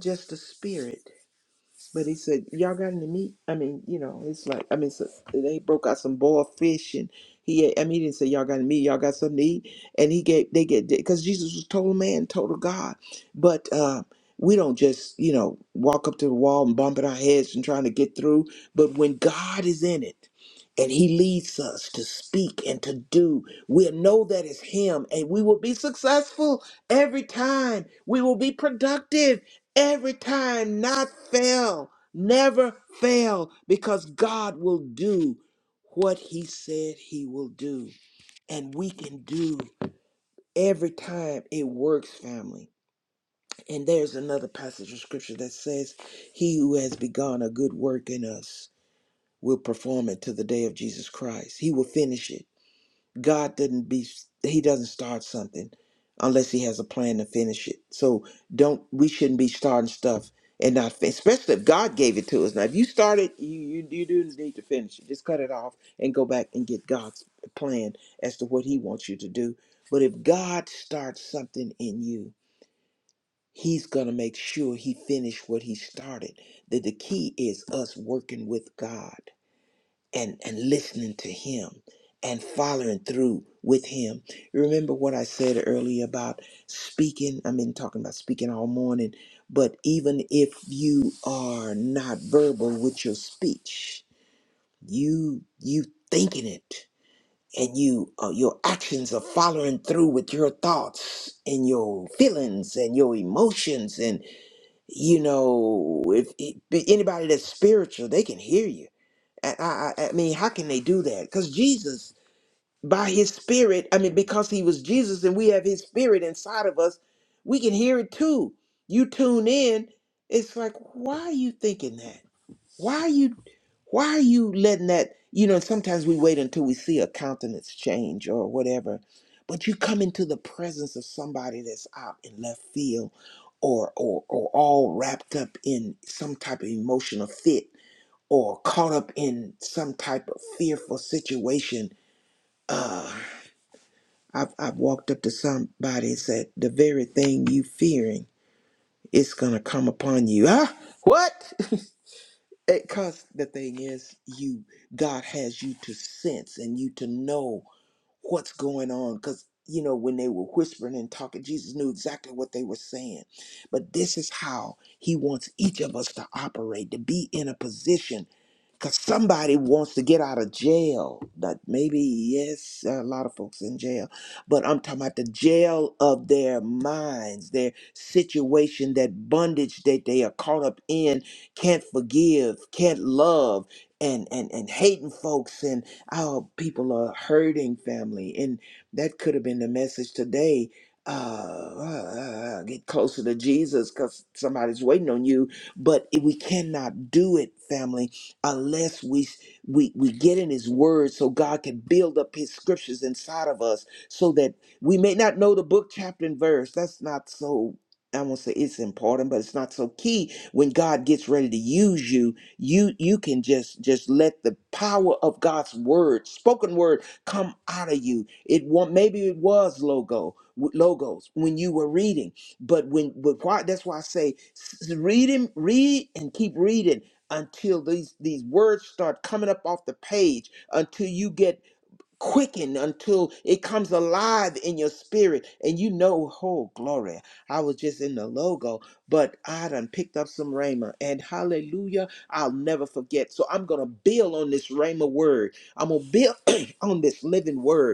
[SPEAKER 2] just the spirit. But he said, "Y'all got any meat?" I mean, you know, it's like I mean, so they broke out some boiled fish, and he. ate- I mean, he didn't say, "Y'all got any meat? Y'all got something to eat?" And he gave they get because Jesus was total man, total God. But uh, we don't just you know walk up to the wall and bumping our heads and trying to get through. But when God is in it. And he leads us to speak and to do. We'll know that it's him, and we will be successful every time. We will be productive every time, not fail, never fail, because God will do what He said He will do. And we can do every time it works, family. And there's another passage of scripture that says, He who has begun a good work in us will perform it to the day of Jesus Christ. He will finish it. God doesn't be he doesn't start something unless he has a plan to finish it. So don't we shouldn't be starting stuff and not fin- especially if God gave it to us. Now if you started you you, you do need to finish it. Just cut it off and go back and get God's plan as to what he wants you to do. But if God starts something in you, he's going to make sure he finished what he started. That the key is us working with God and and listening to him and following through with him You remember what i said earlier about speaking i've been talking about speaking all morning but even if you are not verbal with your speech you you thinking it and you uh, your actions are following through with your thoughts and your feelings and your emotions and you know if, if anybody that's spiritual they can hear you I, I, I mean, how can they do that? Because Jesus, by his spirit, I mean, because he was Jesus and we have his spirit inside of us, we can hear it too. You tune in, it's like, why are you thinking that? Why are you why are you letting that you know, sometimes we wait until we see a countenance change or whatever. But you come into the presence of somebody that's out in left field or or or all wrapped up in some type of emotional fit or caught up in some type of fearful situation, uh, I've, I've walked up to somebody and said, the very thing you fearing is going to come upon you. Huh? What? Because the thing is, you, God has you to sense and you to know what's going on. Because, you know, when they were whispering and talking, Jesus knew exactly what they were saying. But this is how he wants each of us to operate, to be in a position because somebody wants to get out of jail. That maybe yes, a lot of folks in jail, but I'm talking about the jail of their minds, their situation, that bondage that they are caught up in, can't forgive, can't love, and and and hating folks, and our people are hurting family, and that could have been the message today. Uh, uh, uh, uh, get closer to Jesus because somebody's waiting on you, but we cannot do it, family unless we we we get in his word so God can build up his scriptures inside of us so that we may not know the book chapter and verse that's not so I won't say it's important but it's not so key when God gets ready to use you you you can just just let the power of God's word spoken word come out of you it won't maybe it was logo logos when you were reading but when but why that's why I say s- read him read and keep reading until these these words start coming up off the page until you get quickened until it comes alive in your spirit and you know oh glory i was just in the logo but i done picked up some rhema and hallelujah i'll never forget so i'm gonna build on this rhema word i'm gonna build on this living word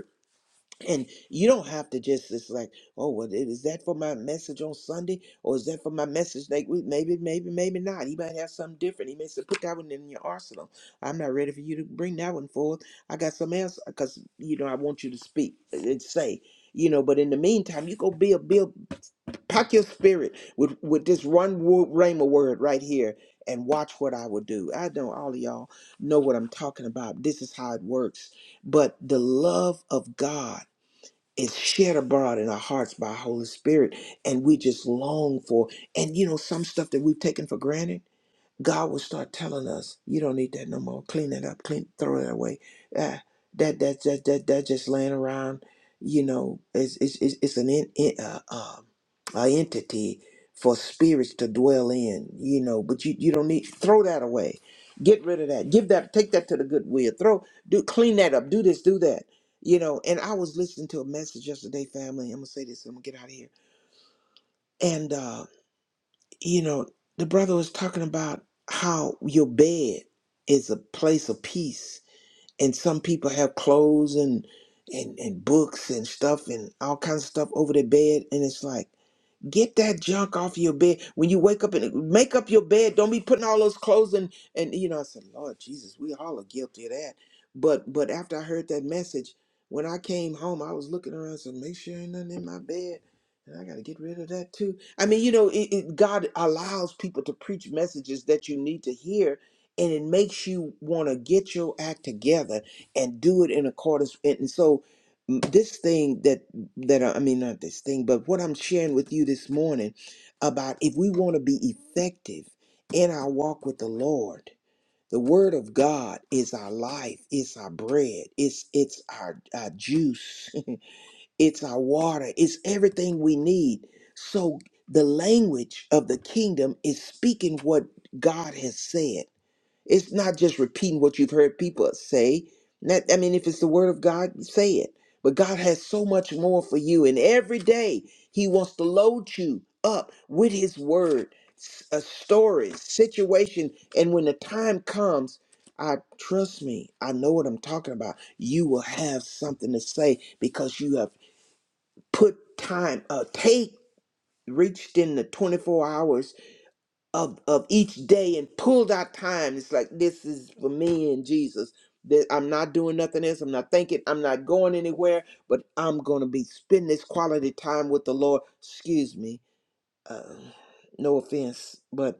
[SPEAKER 2] and you don't have to just it's like, oh, well, i- is that for my message on Sunday, or is that for my message like week? Maybe, maybe, maybe not. He might have something different. He may say, put that one in your arsenal. I'm not ready for you to bring that one forward. I got something else because you know I want you to speak and say, you know. But in the meantime, you go build, build, pack your spirit with with this one word, rhema word right here, and watch what I will do. I know all of y'all know what I'm talking about. This is how it works. But the love of God is shared abroad in our hearts by Holy Spirit, and we just long for. And you know, some stuff that we've taken for granted. God will start telling us, "You don't need that no more. Clean it up. Clean, throw it away. Ah, that that that that that just laying around. You know, it's it's it's, it's an in, in, uh, uh, a entity for spirits to dwell in. You know, but you you don't need throw that away. Get rid of that. Give that. Take that to the goodwill. Throw. Do clean that up. Do this. Do that. You know. And I was listening to a message yesterday, family. I'm gonna say this. I'm gonna get out of here. And uh, you know, the brother was talking about how your bed is a place of peace, and some people have clothes and and and books and stuff and all kinds of stuff over their bed, and it's like Get that junk off your bed. When you wake up and make up your bed, don't be putting all those clothes in. And you know, I said, Lord Jesus, we all are guilty of that. But but after I heard that message, when I came home, I was looking around, and said, make sure ain't nothing in my bed. And I got to get rid of that too. I mean, you know, it, it, God allows people to preach messages that you need to hear, and it makes you want to get your act together and do it in accordance. And and so, m- this thing that that are, I mean, not this thing, but what I'm sharing with you this morning about if we want to be effective in our walk with the Lord, the Word of God is our life, it's our bread, it's it's our, our juice, it's our water, it's everything we need. So the language of the kingdom is speaking what God has said. It's not just repeating what you've heard people say. That, I mean, if it's the word of God, say it. But God has so much more for you. And every day, He wants to load you up with His word, s- a story, situation. And when the time comes, I trust me, I know what I'm talking about. You will have something to say because you have put time, uh, take, reached in the 24 hours of of each day and pulled out time. It's like this is for me and Jesus. That I'm not doing nothing else. I'm not thinking. I'm not going anywhere. But I'm gonna be spending this quality time with the Lord. Excuse me. Uh, no offense, but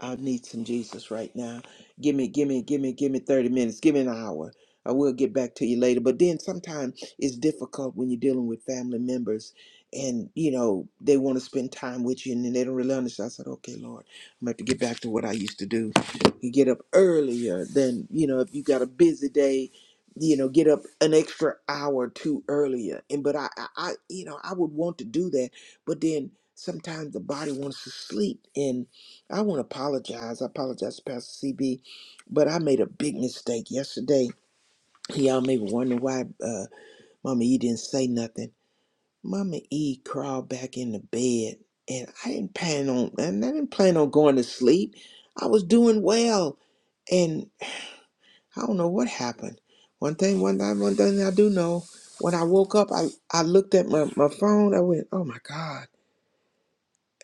[SPEAKER 2] I need some Jesus right now. Give me, give me, give me, give me 30 minutes. Give me an hour. I will get back to you later. But then sometimes it's difficult when you're dealing with family members and, you know, they want to spend time with you and then they don't really understand. I said, okay, Lord, I'm going to have to get back to what I used to do. You get up earlier than, you know, if you got a busy day, you know, get up an extra hour or two earlier. And, but I, I, I you know, I would want to do that. But then sometimes the body wants to sleep I want to apologize. I apologize to Pastor CB, but I made a big mistake yesterday. Y'all may be wondering why uh, Mama E didn't say nothing. Mama E crawled back in the bed, and I didn't plan on and I didn't plan on going to sleep. I was doing well, and I don't know what happened. One thing, one time, one thing I do know. When I woke up, I, I looked at my, my phone. I went, oh my God,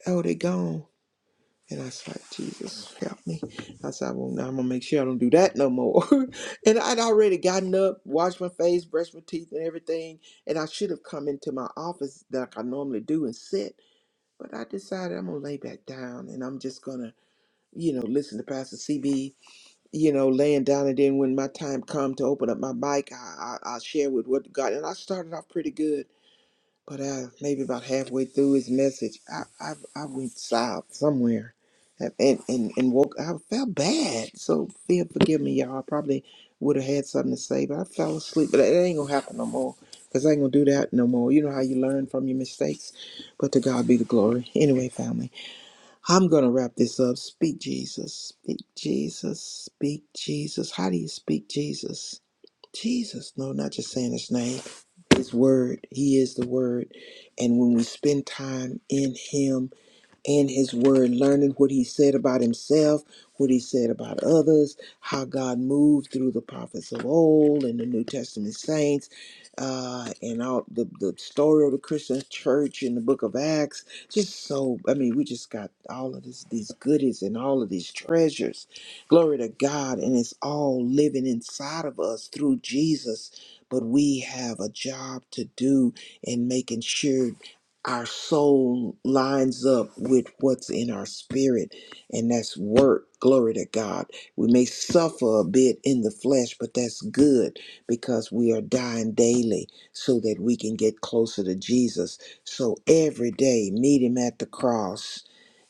[SPEAKER 2] oh, they gone. And I was like, Jesus, help me. I said, I won't, I'm gonna make sure I don't do that no more. and I'd already gotten up, washed my face, brushed my teeth, and everything. And I should have come into my office like I normally do and sit. But I decided I'm gonna lay back down and I'm just gonna, you know, listen to Pastor CB, you know, laying down. And then when my time come to open up my mic, I, I, I share with what God. And I started off pretty good but uh, maybe about halfway through his message, I I, I went south somewhere, and, and and and woke. I felt bad, so feel forgive me, y'all. I probably would have had something to say, but I fell asleep. But it ain't gonna happen no more, cause I ain't gonna do that no more. You know how you learn from your mistakes, but to God be the glory. Anyway, family, I'm gonna wrap this up. Speak Jesus, speak Jesus, speak Jesus. How do you speak Jesus? Jesus, no, not just saying his name, his word. He is the word. And when we spend time in him, in his word, learning what he said about himself, what he said about others, how God moved through the prophets of old and the New Testament saints, uh, and all the, the story of the Christian church in the book of Acts. Just so, I mean, we just got all of this, these goodies and all of these treasures. Glory to God. And it's all living inside of us through Jesus. But we have a job to do in making sure our soul lines up with what's in our spirit, and that's work. Glory to God. We may suffer a bit in the flesh, but that's good because we are dying daily so that we can get closer to Jesus. So every day, meet Him at the cross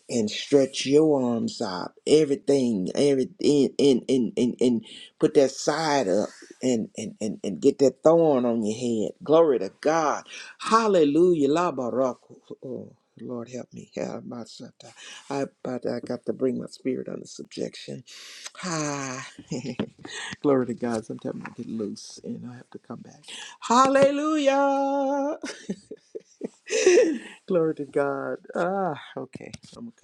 [SPEAKER 2] and stretch your arms out everything every and and and, and, and put that side up and, and and and get that thorn on your head glory to god hallelujah la baraka oh lord help me Yeah, my son, i but i got to bring my spirit under subjection hi glory to god sometimes i get loose and i have to come back hallelujah glory to god ah okay i'm okay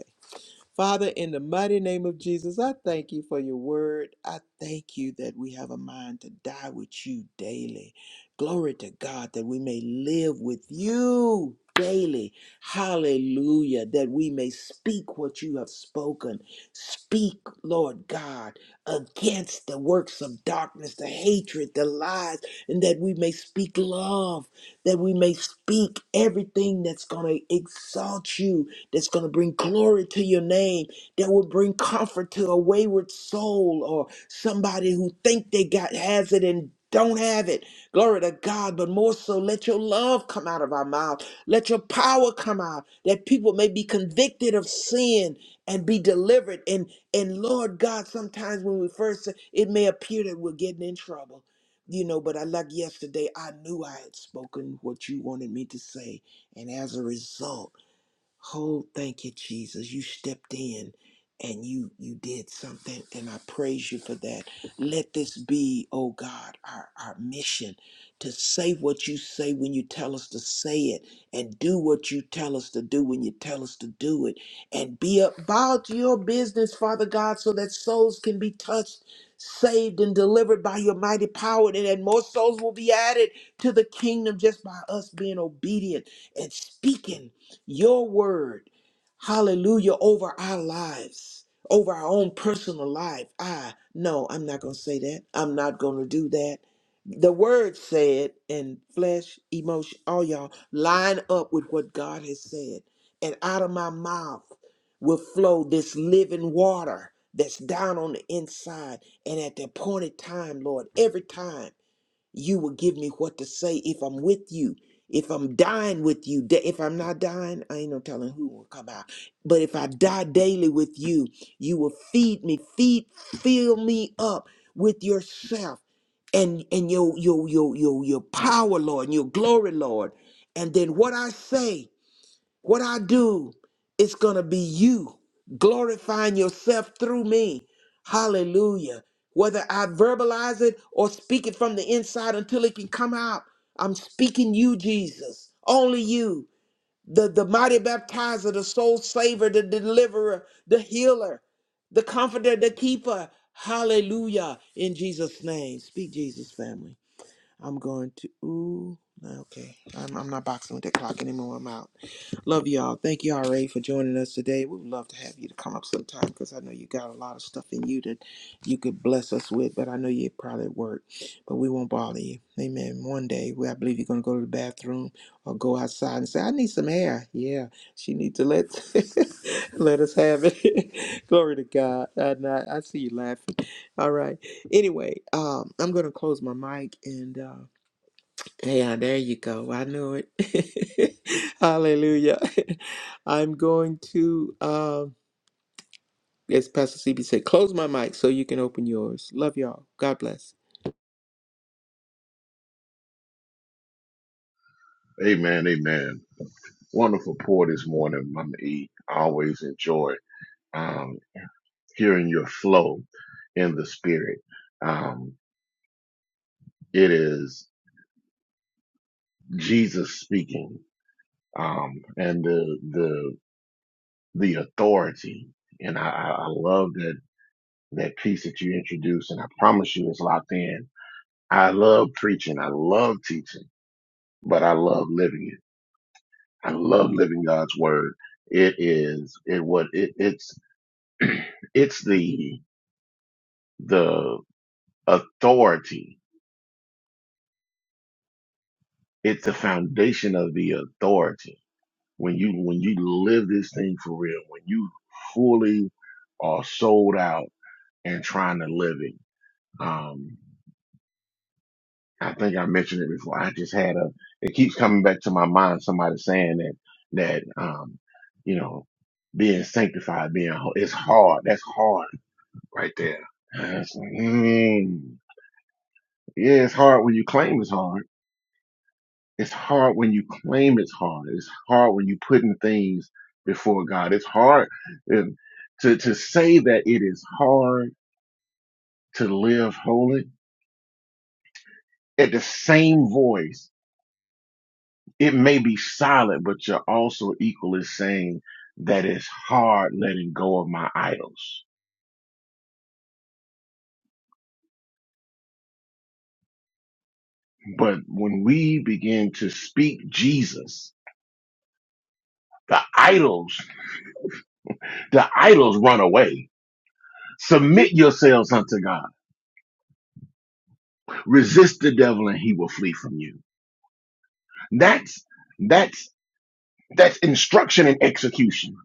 [SPEAKER 2] Father, in the mighty name of Jesus, I thank you for your word. I thank you that we have a mind to die with you daily. Glory to God that we may live with you daily. Hallelujah. That we may speak what you have spoken. Speak, Lord God, against the works of darkness, the hatred, the lies, and that we may speak love, that we may speak everything that's going to exalt you that's going to bring glory to your name, that will bring comfort to a wayward soul or somebody who think they got has it and don't have it. Glory to God. But more so, let your love come out of our mouth. Let your power come out that people may be convicted of sin and be delivered. And and Lord God, sometimes when we first say, it may appear that we're getting in trouble. You know, but I like yesterday, I knew I had spoken what you wanted me to say. And as a result, Oh, thank you, Jesus. You stepped in and you you did something and I praise you for that. Let this be, oh God, our, our mission to say what you say when you tell us to say it and do what you tell us to do when you tell us to do it and be about your business, Father God, so that souls can be touched, saved and delivered by your mighty power and that more souls will be added to the kingdom just by us being obedient and speaking your word, hallelujah, over our lives, over our own personal life. I no, I'm not going to say that. I'm not going to do that. The word said, and flesh, emotion, all y'all line up with what God has said. And out of my mouth will flow this living water that's down on the inside. And at the appointed time, Lord, every time. You will give me what to say if I'm with you. If I'm dying with you, da- if I'm not dying, I ain't no telling who will come out. But if I die daily with you, you will feed me, feed, fill me up with yourself and and your your your your your power, Lord, and your glory, Lord. And then what I say. What I do, it's going to be you glorifying yourself through me. Hallelujah. Whether I verbalize it or speak it from the inside until it can come out, I'm speaking you, Jesus. Only you, the, the mighty baptizer, the soul saver, the deliverer, the healer, the comforter, the keeper. Hallelujah. In Jesus' name. Speak, Jesus, family. I'm going to. Ooh, nah, okay. I'm, I'm not boxing with that clock anymore. I'm out. Love y'all. Thank you, RA, for joining us today. We would love to have you to come up sometime because I know you got a lot of stuff in you that you could bless us with, but I know you're probably at work, but we won't bother you. Amen. One day, we, I believe you're going to go to the bathroom or go outside and say, I need some air. Yeah, she needs to let, let us have it. Glory to God. And I, I see you laughing. All right. Anyway, um, I'm gonna close my mic and uh, yeah, there you go. I knew it. Hallelujah. I'm going to, um, as Pastor CB said, close my mic so you can open yours. Love y'all. God bless.
[SPEAKER 1] Amen. Amen. Wonderful pour this morning, Mama E. I always enjoy um, hearing your flow in the spirit. Um, it is the and that piece that you introduced and I propped in. I love tree. I love litter. It, it's it's the it's the foundation of the authority. When you when you live this thing for real, when you fully are sold out and trying to live it. Um, I think I mentioned it before. I just had a. It keeps coming back to my mind. Somebody saying that that um, you know, being sanctified, being ho- it's hard. That's hard right there. And it's like, mm, yeah, it's hard when you claim it's hard. It's hard when you claim it's hard. It's hard when you putting things before God. It's hard and to to say that it is hard to live holy. At the same voice it may be solid, but you're also equally saying that it's hard letting go of my idols. But when we begin to speak Jesus, the idols, the idols run away. Submit yourselves unto God. Resist the devil and he will flee from you. That's, that's, that's instruction and execution.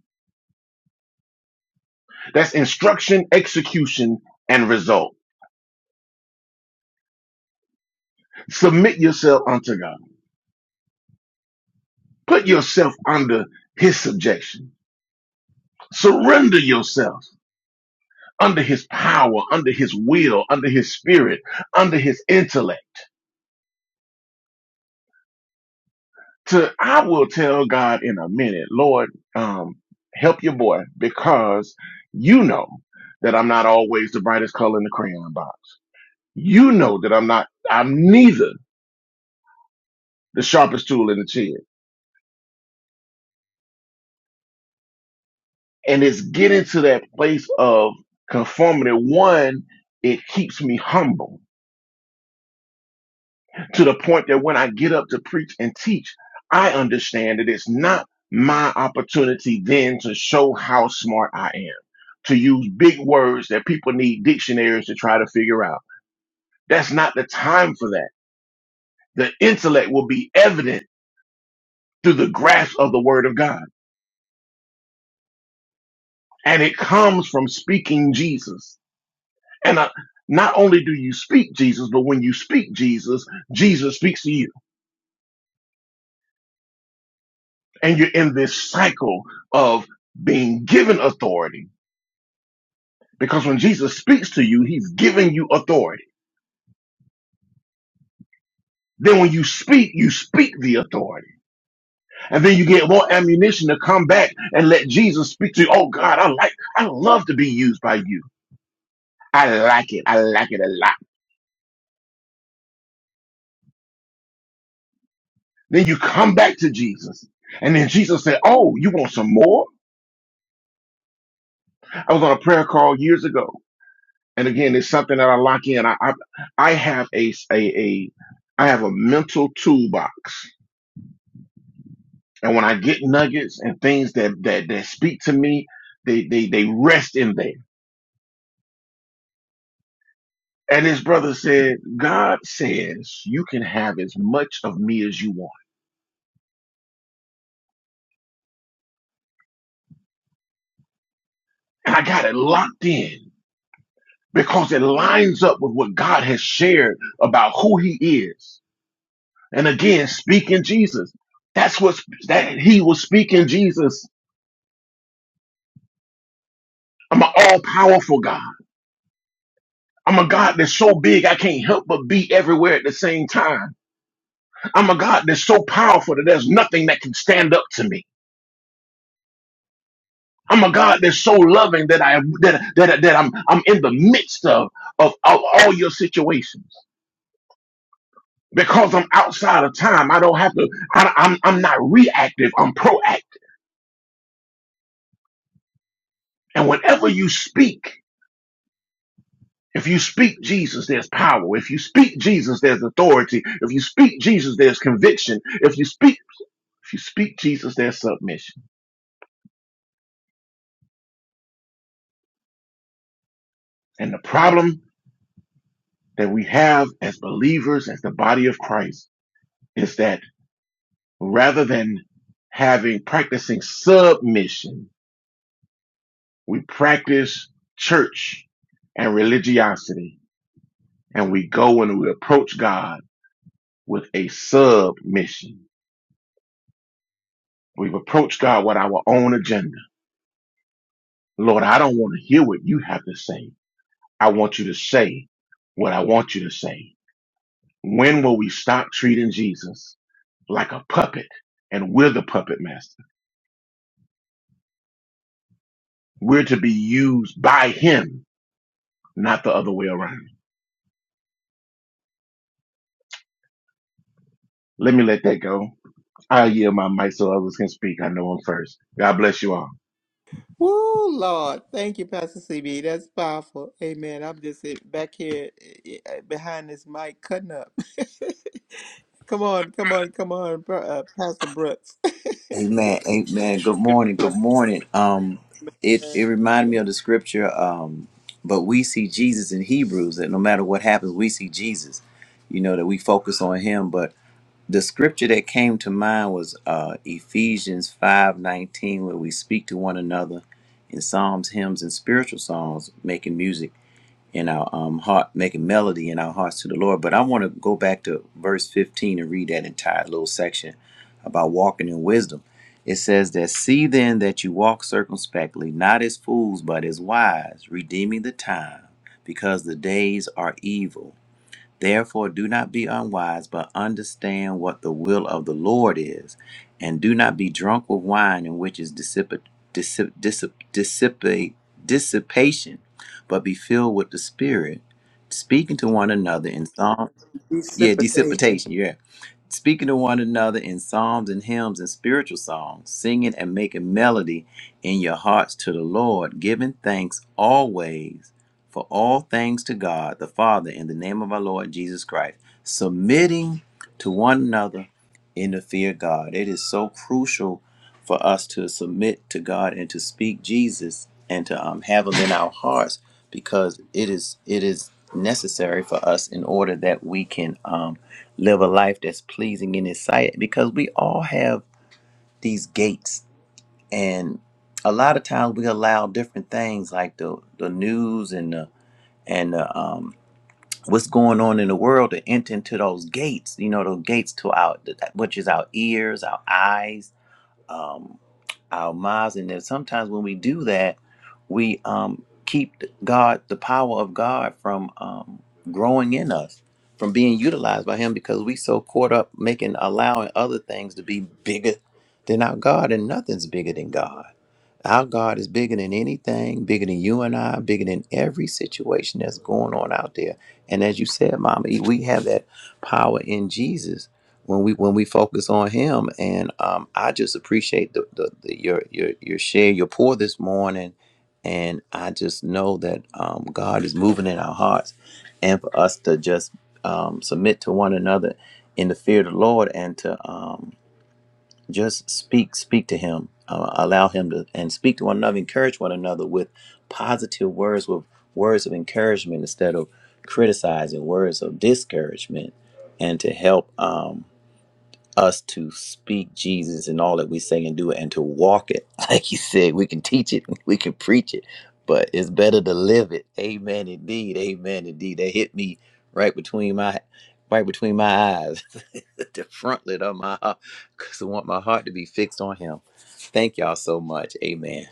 [SPEAKER 1] That's instruction, execution, and result. Submit yourself unto God. Put yourself under his subjection Surrender yourself under his power, under his will, under his spirit, under his intellect. To I will tell God in a minute, Lord, um, help your boy because you know that I'm not always the brightest color in the crayon box. You know that I'm not I'm neither the sharpest tool in the shed. And it's getting to that place of conformity. One, it keeps me humble to the point that when I get up to preach and teach, I understand that it's not my opportunity then to show how smart I am, to use big words that people need dictionaries to try to figure out. That's not the time for that. The intellect will be evident through the grasp of the word of God. And it comes from speaking Jesus. And uh, not only do you speak Jesus, but when you speak Jesus, Jesus speaks to you. And you're in this cycle of being given authority Because when Jesus speaks to you, he's giving you authority. Then when you speak, you speak the authority. And then you get more ammunition to come back and let Jesus speak to you. Oh God, I like, I love to be used by you. I like it. I like it a lot. Then you come back to Jesus. And then Jesus said, Oh, you want some more? I was on a prayer call years ago. And again, it's something that I lock in. I, I, I have a, a, a, I have a mental toolbox And when I get nuggets and things that that, that speak to me, they, they they rest in there. And again, because has shared about who he is, and again, speaking Jesus. That's what that he was speaking Jesus. I'm an all powerful God. I'm a God that's so big I can't help but be everywhere at the same time. I'm a God that's so powerful that there's nothing that can stand up to me. I'm a God that's so loving that I that that, that I'm I'm in the midst of of, of all your situations. because I'm outside of time. I don't have to. I, I'm I'm not reactive. I'm proactive. And whenever you speak, if you speak Jesus, there's power. If you speak Jesus, there's authority. If you speak Jesus, there's conviction. If you speak, if you speak Jesus, there's submission. And the problem that we have as believers, as the body of Christ, is that rather than having practicing submission, we practice church and religiosity and we go and we approach God with a submission. We've approached God with our own agenda. Lord, I don't want to hear what you have to say. I want you to say what I want you to say. When will we stop treating Jesus like a puppet and we're the puppet master? We're to be used by him, not the other way around. Let me let that go. I yield my mic so others can speak. I know I'm first. God bless you all.
[SPEAKER 2] Woo, Lord. Thank you, Pastor CB. That's powerful. Amen. I'm just eh, back here eh, eh, behind this mic cutting up. come on, come on, come on, Pro- uh, Pastor Brooks.
[SPEAKER 3] Amen. Amen. Good morning.
[SPEAKER 2] Come
[SPEAKER 3] Good
[SPEAKER 2] on,
[SPEAKER 3] morning. Um, it
[SPEAKER 2] man.
[SPEAKER 3] it reminded me of the scripture. Um, but we see Jesus in Hebrews that no matter what happens, we see Jesus. You know that we focus on Him. But the scripture that came to mind was uh, Ephesians five nineteen, where we speak to one another in psalms, hymns, and spiritual songs, making music. in our um, heart, making melody in our hearts to the Lord. But I want to go back to verse 15 and read that entire little section about walking in wisdom. It says that, See then that you walk circumspectly, not as fools, but as wise, redeeming the time, because the days are evil. Therefore, do not be unwise, but understand what the will of the Lord is. And do not be drunk with wine, in which is dissip- dissip- dissip- dissipate, dissipation, but be filled with the Spirit, speaking to one another in psalms. Yeah,
[SPEAKER 2] Precipitation.
[SPEAKER 3] dissipation. Yeah. Speaking to one another in psalms and hymns and spiritual songs, singing and making melody in your hearts to the Lord, giving thanks always for all things to God the Father in the name of our Lord Jesus Christ, submitting to one another in the fear of God. It is so crucial for us to submit to God and to speak Jesus and to um, have Him in our hearts because it is it is necessary for us in order that we can um, live a life that's pleasing in His sight. Because we all have these gates, and a lot of times we allow different things like the the news and the and the, um, what's going on in the world to enter into those gates. You know, those gates to our which is our ears, our eyes. um, our minds, and then sometimes when we do that, we um, keep God, the power of God, from um, growing in us, from being utilized by Him, because we so caught up making allowing other things to be bigger than our God, and nothing's bigger than God. Our God is bigger than anything, bigger than you and I, bigger than every situation that's going on out there. And as you said, Mama, E, we have that power in Jesus when we when we focus on Him. And um, I just appreciate the, the, the your your your share, your pour this morning, and I just know that um, God is moving in our hearts, and for us to just um, submit to one another in the fear of the Lord and to um, just speak speak to him uh, allow him to and speak to one another encourage one another with positive words with words of encouragement instead of criticizing words of discouragement and to help um, us to speak Jesus and all that we say and do it and to walk it. Like you said, we can teach it, we can preach it, but it's better to live it. Amen indeed. Amen indeed. That hit me right between my right between my eyes. the frontlet of my heart. Cause I want my heart to be fixed on him. Thank y'all so much. Amen.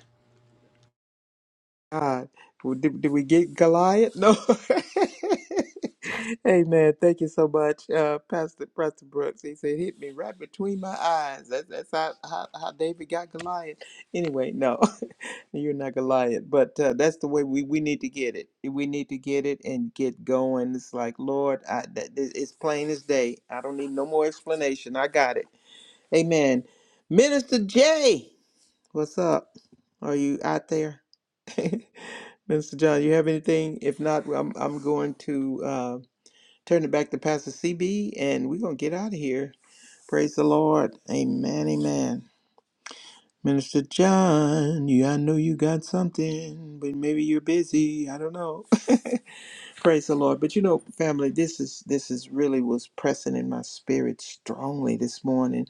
[SPEAKER 2] God. Well, Did, did we get Goliath? No. Amen. Thank you so much, uh, Pastor Pastor Brooks. He said, "Hit me right between my eyes." That, that's how, how how David got Goliath. Anyway, no, you're not Goliath, but uh, that's the way we we need to get it. We need to get it and get going. It's like, Lord, I, that, that- it's plain as day. I don't need no more explanation. I got it. Amen. Minister Jay, what's up? Are you out there? Mr. John, you have anything? If not, I'm I'm going to uh, turn it back to Pastor CB, and we're gonna get out of here. Praise the Lord, Amen, Amen. Minister John, you I know you got something, but maybe you're busy. I don't know. Praise the Lord. But you know, family, this is this is really was pressing in my spirit strongly this morning,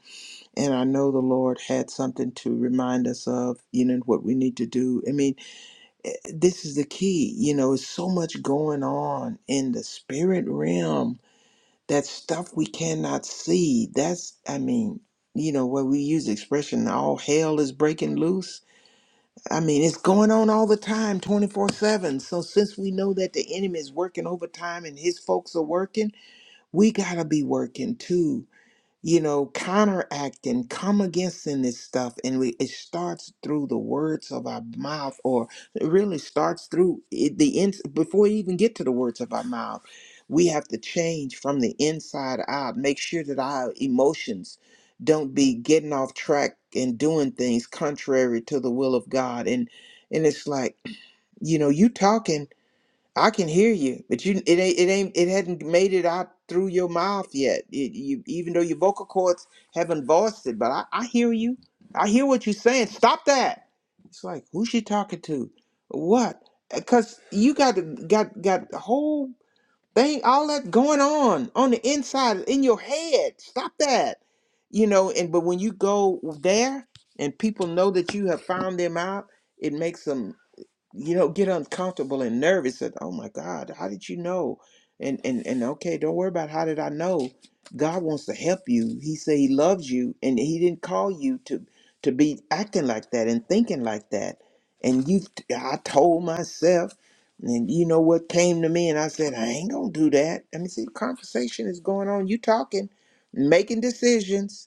[SPEAKER 2] and I know the Lord had something to remind us of. You know what we need to do. I mean this is the key. You know, it's so much going on in the spirit realm that stuff we cannot see. That's, I mean, you know, where we use the expression, all hell is breaking loose. I mean, it's going on all the time, 24 7. So, since we know that the enemy is working overtime and his folks are working, we got to be working too you know, counteract and come against in this stuff. And we, it starts through the words of our mouth, or it really starts through it, the ins before you even get to the words of our mouth. We have to change from the inside out. Make sure that our emotions don't be getting off track and doing things contrary to the will of God. And and it's like, you know, you talking. I can hear you, but you it ain't it ain't it hadn't made it out through your mouth yet. It, you even though your vocal cords haven't voiced it, but I, I hear you. I hear what you're saying. Stop that. It's like who's she talking to? What? Because you got got got the whole thing, all that going on on the inside in your head. Stop that. You know. And but when you go there and people know that you have found them out, it makes them you know get uncomfortable and nervous that oh my god how did you know and and and okay don't worry about how did i know god wants to help you he said he loves you and he didn't call you to to be acting like that and thinking like that and you i told myself and you know what came to me and i said i ain't gonna do that i mean see the conversation is going on you talking making decisions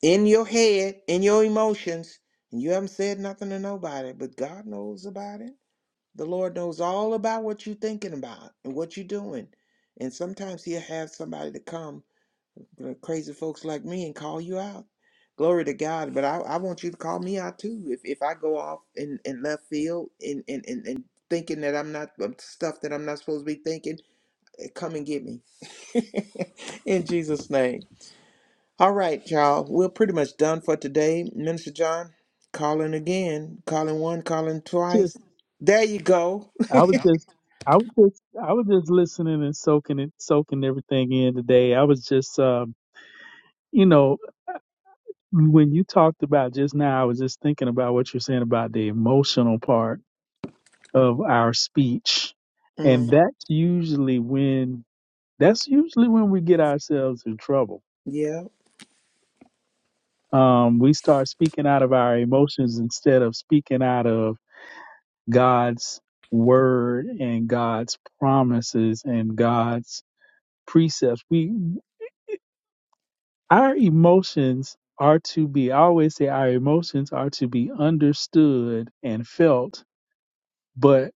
[SPEAKER 2] in your head in your emotions and you haven't said nothing to nobody but god knows about it the Lord knows all about what you're thinking about and what you're doing. And sometimes He'll have somebody to come, crazy folks like me, and call you out. Glory to God. But I, I want you to call me out too. If, if I go off in, in left field and, and, and, and thinking that I'm not um, stuff that I'm not supposed to be thinking, eh, come and get me. in Jesus' name. All right, y'all. We're pretty much done for today. Minister John, calling again, calling one, calling twice.
[SPEAKER 4] Just,
[SPEAKER 2] There you go.
[SPEAKER 4] I was just, I was just, I was just listening and soaking it, soaking everything in today. I was just, um, you know, when you talked about just now, I was just thinking about what you're saying about the emotional part of our speech,
[SPEAKER 2] Mm.
[SPEAKER 4] and that's usually when that's usually when we get ourselves in trouble.
[SPEAKER 2] Yeah.
[SPEAKER 4] Um, we start speaking out of our emotions instead of speaking out of God's word and God's promises and God's precepts. We our emotions are to be I always say our emotions are to be understood and felt, but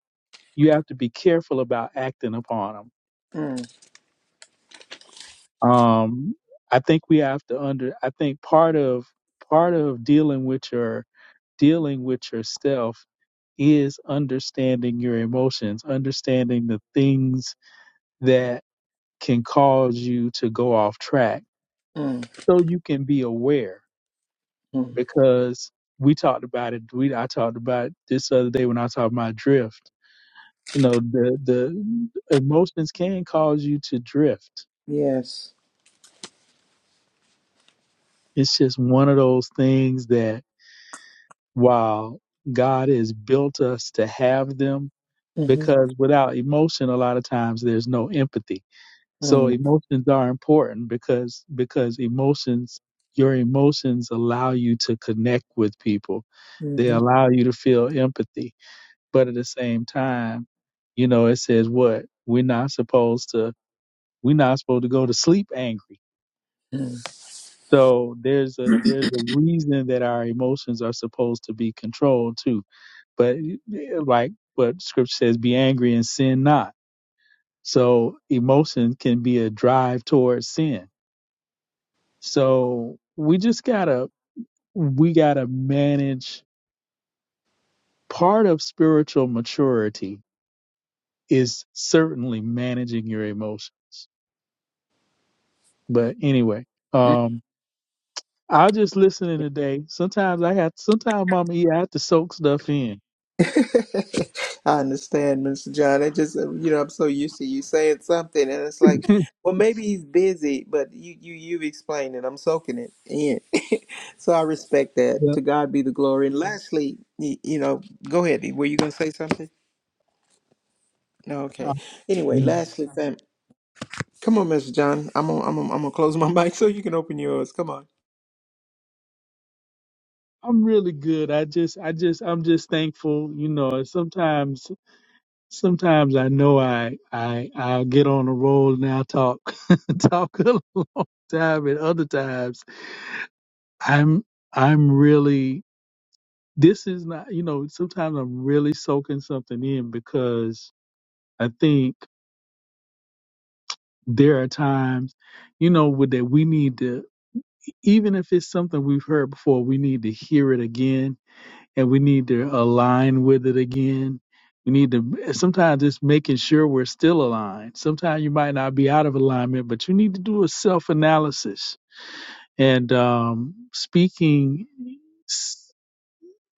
[SPEAKER 4] you have to be careful about acting upon
[SPEAKER 2] Mm,
[SPEAKER 4] them. Um I think we have to under I think part of part of dealing with your dealing with yourself is understanding your emotions, understanding the things that. can cause you to go off track.
[SPEAKER 2] mm,
[SPEAKER 4] So you can be aware
[SPEAKER 2] mm.
[SPEAKER 4] because we talked about it. We I talked about it this other day when I talked about drift. You know, the the emotions can cause you to drift.
[SPEAKER 2] Yes.
[SPEAKER 4] It's just one of those things that while God has built us to have them,
[SPEAKER 2] Mm-hmm.
[SPEAKER 4] because without emotion, a lot of times there's no empathy So
[SPEAKER 2] Mm,
[SPEAKER 4] emotions are important because because emotions your emotions allow you to connect with people. They
[SPEAKER 2] mm-hmm.
[SPEAKER 4] allow you to feel empathy. But at the same time, you know, it says what? We're not supposed to we're not supposed to go to sleep angry.
[SPEAKER 2] Mm.
[SPEAKER 4] So there's a there's a reason that our emotions are supposed to be controlled too. But eh, like what scripture says, be angry and sin not. So emotion can be a drive towards sin So we just gotta we gotta manage part of spiritual maturity is certainly managing your emotions. But anyway, um I'll just listen in today. Sometimes I have sometimes Mama E I have to soak stuff in.
[SPEAKER 2] I understand, Mr. John. I just, uh, you know, I'm so used to you saying something, and it's like, well, maybe he's busy, but you, you, you've explained it. I'm soaking it in, so I respect that.
[SPEAKER 4] But
[SPEAKER 2] To God be the glory. And lastly, you, you know, go ahead. Were you going to say something? No, okay.
[SPEAKER 4] I'm
[SPEAKER 2] Anyway, lastly, fam, come on, Mr. John. I'm gonna, I'm gonna, I'm gonna close my mic so you can open yours. Come on.
[SPEAKER 4] I'm really good. I just I just I'm just thankful, you know, sometimes Sometimes I know I I I'll get on a roll and I'll talk talk a long time, and other times I'm I'm really this is not you know sometimes I'm really soaking something in because I think there are times you know with that we need to even if it's something we've heard before we need to hear it again and we need to align with it again. We need to sometimes it's making sure we're still aligned. Sometimes you might not be out of alignment, but you need to do a self analysis and um, speaking s-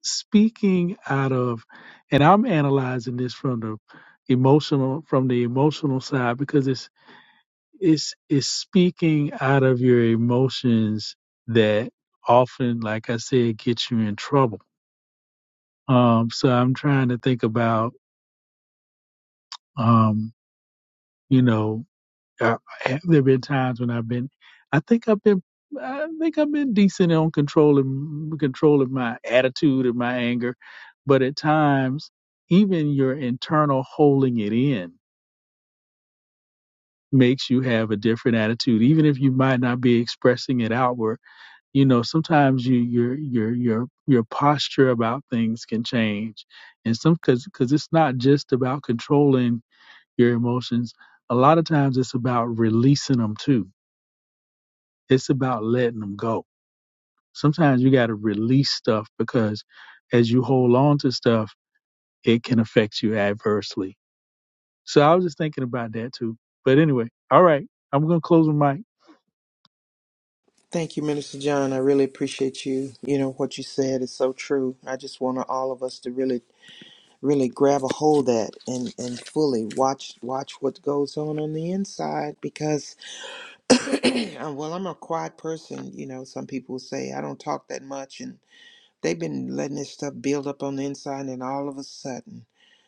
[SPEAKER 4] speaking out of and I'm analyzing this from the emotional from the emotional side because it's it's it's speaking out of your emotions that often like I said gets you in trouble um, so I'm trying to think about, um, you know, uh, have there been times when I've been, I think I've been, I think I've been decent on controlling, controlling my attitude and my anger. But at times, even your internal holding it in makes you have a different attitude, even if you might not be expressing it outward. You know, sometimes you, your, your, your, your posture about things can change. And some, cause, cause it's not just about controlling your emotions, a lot of times it's about releasing them too. It's about letting them go. Sometimes you got to release stuff because as you hold on to stuff, it can affect you adversely. So I was just thinking about that too. But anyway, all right, I'm going to close my mic.
[SPEAKER 2] Thank you, Minister John. I really appreciate you. You know what you said is so true. I just want all of us to really, really grab a hold of that and and fully watch watch what goes on on the inside because, well, I'm a quiet person. You know, some people say I don't talk that much, and. They've been letting this stuff build up on the inside, and all of a sudden,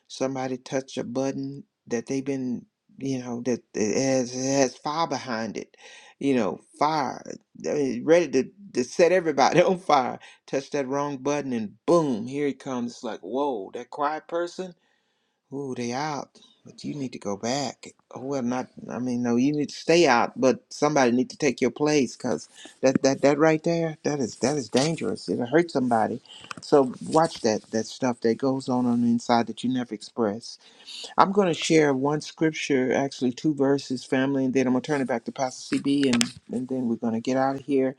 [SPEAKER 2] somebody touched a button that they've been, you know, that it has, it has fire behind it, you know, fire, I mean, ready to, to set everybody on fire. Touch that wrong button, and boom, here it comes. It's like, whoa, that quiet person Ooh, they out, but you need to go back. Well, not. I mean, no, you need to stay out, but somebody need to take your place, cause that that that right there, that is that is dangerous. It'll hurt somebody. So watch that that stuff that goes on on the inside that you never express. I'm gonna share one scripture, actually two verses, family, and then I'm gonna turn it back to Pastor CB, and and then we're gonna get out of here.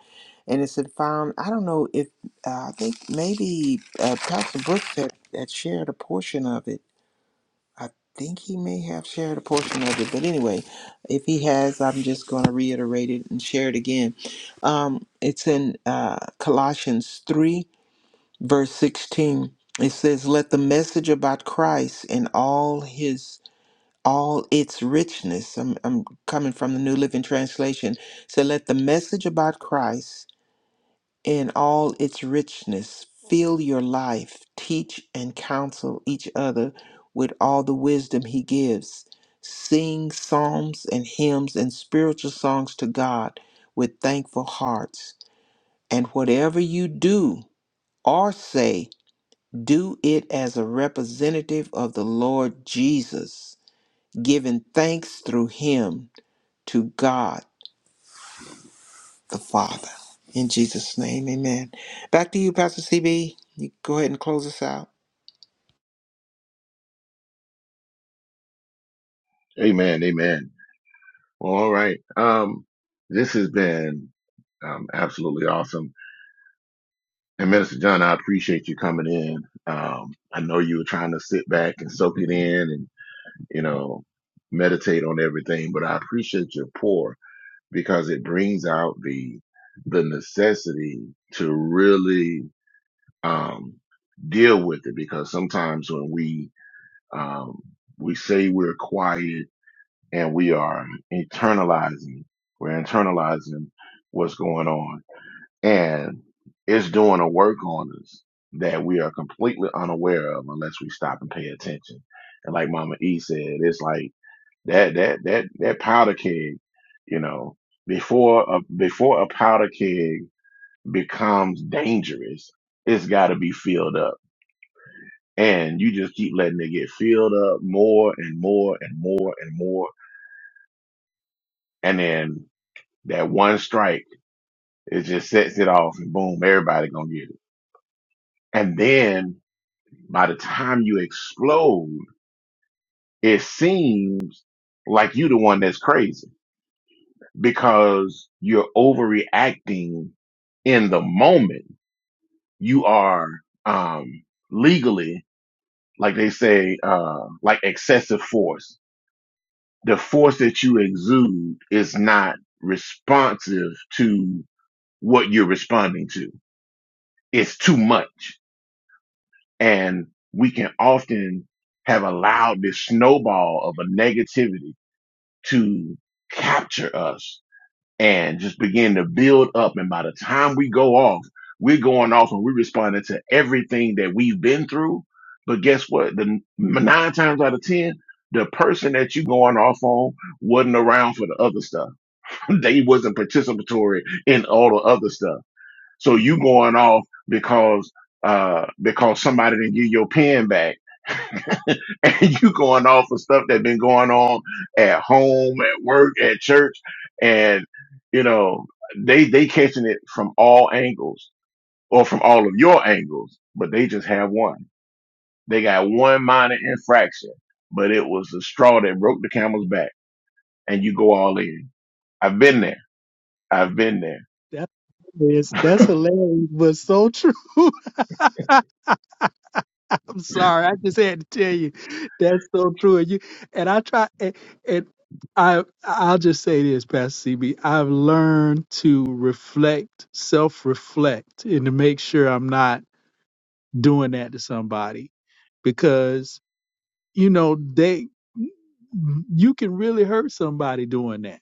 [SPEAKER 2] And it's found. I don't know if uh, I think maybe uh, Pastor Brooks had, had shared a portion of it I think he may have shared a portion of it, but anyway, if he has, I'm just going to reiterate it and share it again. Um, it's in uh, Colossians 3, verse 16. It says, Let the message about Christ and all his all its richness. I'm, I'm coming from the New Living Translation. So let the message about Christ in all its richness. Fill your life, teach and counsel each other with all the wisdom He gives. Sing psalms and hymns and spiritual songs to God with thankful hearts. And whatever you do or say, do it as a representative of the Lord Jesus, giving thanks through Him to God the Father. In Jesus' name, amen. Back to you, Pastor CB. You go ahead and close us out.
[SPEAKER 1] Amen. Amen. All right. Um, this is um, awesome. and appreciate you coming in. Um, I know trying to back it in and you know meta everything, but I think you're poor because it brings out the the necessity to really um, deal with it. Because sometimes when we um, we say we're quiet and we are internalizing, we're internalizing what's going on, It's doing a work on us that we are completely unaware of unless we stop and pay attention. And like Mama E said, it's like that that powder keg, you know, before a before a powder keg becomes dangerous, it's gotta be filled up. And you just keep letting it get filled up more and more and more and more. And then that one strike, it just sets it off and boom, everybody gonna get it. And then by the time you explode, it seems like you the one that's crazy because you're overreacting in the moment. You are um legally, like they say, uh like excessive force. The force that you exude is not responsive to what you're responding to. It's too much. And we can often have allowed this snowball of a negativity to capture us and just begin to build up. And by the time we go off, we're going off and we're responding to everything that we've been through. But guess what? The nine times out of 10, the person that you going off on wasn't around for the other stuff. they wasn't participatory in all the other stuff. So you going off because, uh, because somebody didn't give your pen back and you going off of stuff that been going on at home, at work, at church, and you know they they catching it from all angles or from all of your angles, but they just have one. They got one minor infraction, but it was the straw that broke the camel's back, and you go all in. I've been there. I've been there.
[SPEAKER 4] That is, that's hilarious, but so true. I'm sorry. I just had to tell you that's so true. And you and I try and, and I I'll just say this, Pastor C have learned to reflect, self-reflect, and to make sure I'm not doing that to somebody because you know they you can really hurt somebody doing that.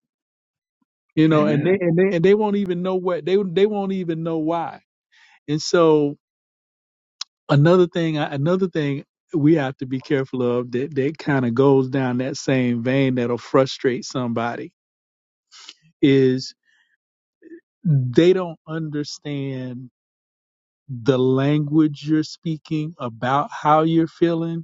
[SPEAKER 4] You know, and
[SPEAKER 1] Amen.
[SPEAKER 4] they and they and they won't even know what they they won't even know why. And so another thing another thing we have to be careful of that that kind of goes down that same vein that'll frustrate somebody is they don't understand the language you're speaking about how you're feeling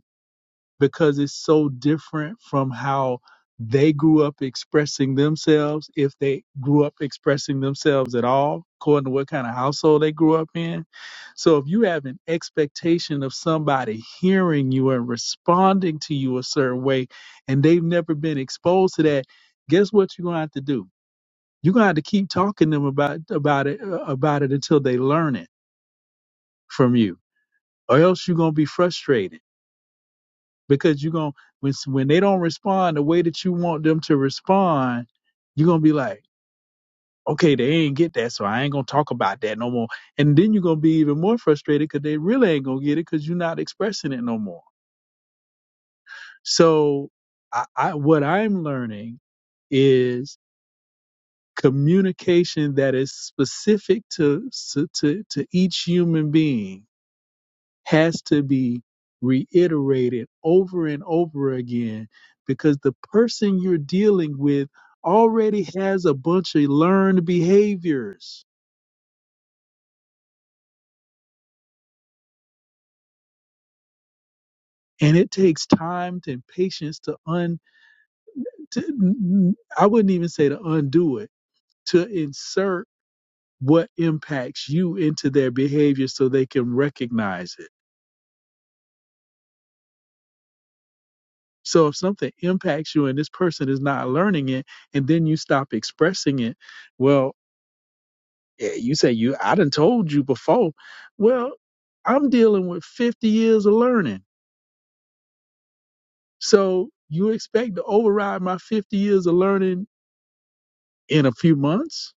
[SPEAKER 4] because it's so different from how they grew up expressing themselves, if they grew up expressing themselves at all, according to what kind of household they grew up in. So if you have an expectation of somebody hearing you and responding to you a certain way, and they've never been exposed to that, guess what you're gonna have to do? You're gonna have to keep talking to them about about it uh, about it until they learn it from you, or else you're gonna be frustrated because you're going to when when they don't respond the way that you want them to respond, you're gonna be like, okay, they ain't get that, so I ain't gonna talk about that no more. And then you're gonna be even more frustrated because they really ain't gonna get it because you're not expressing it no more. So, I, I what I'm learning is communication that is specific to s- to to each human being has to be reiterated over and over again because the person you're dealing with already has a bunch of learned behaviors and it takes time and patience to un to, I wouldn't even say to undo it to insert what impacts you into their behavior so they can recognize it so if something impacts you and this person is not learning it and then you stop expressing it well Eh, You say you I done told you before. Well, I'm dealing with 50 years of learning. So you expect to override my 50 years of learning in a few months?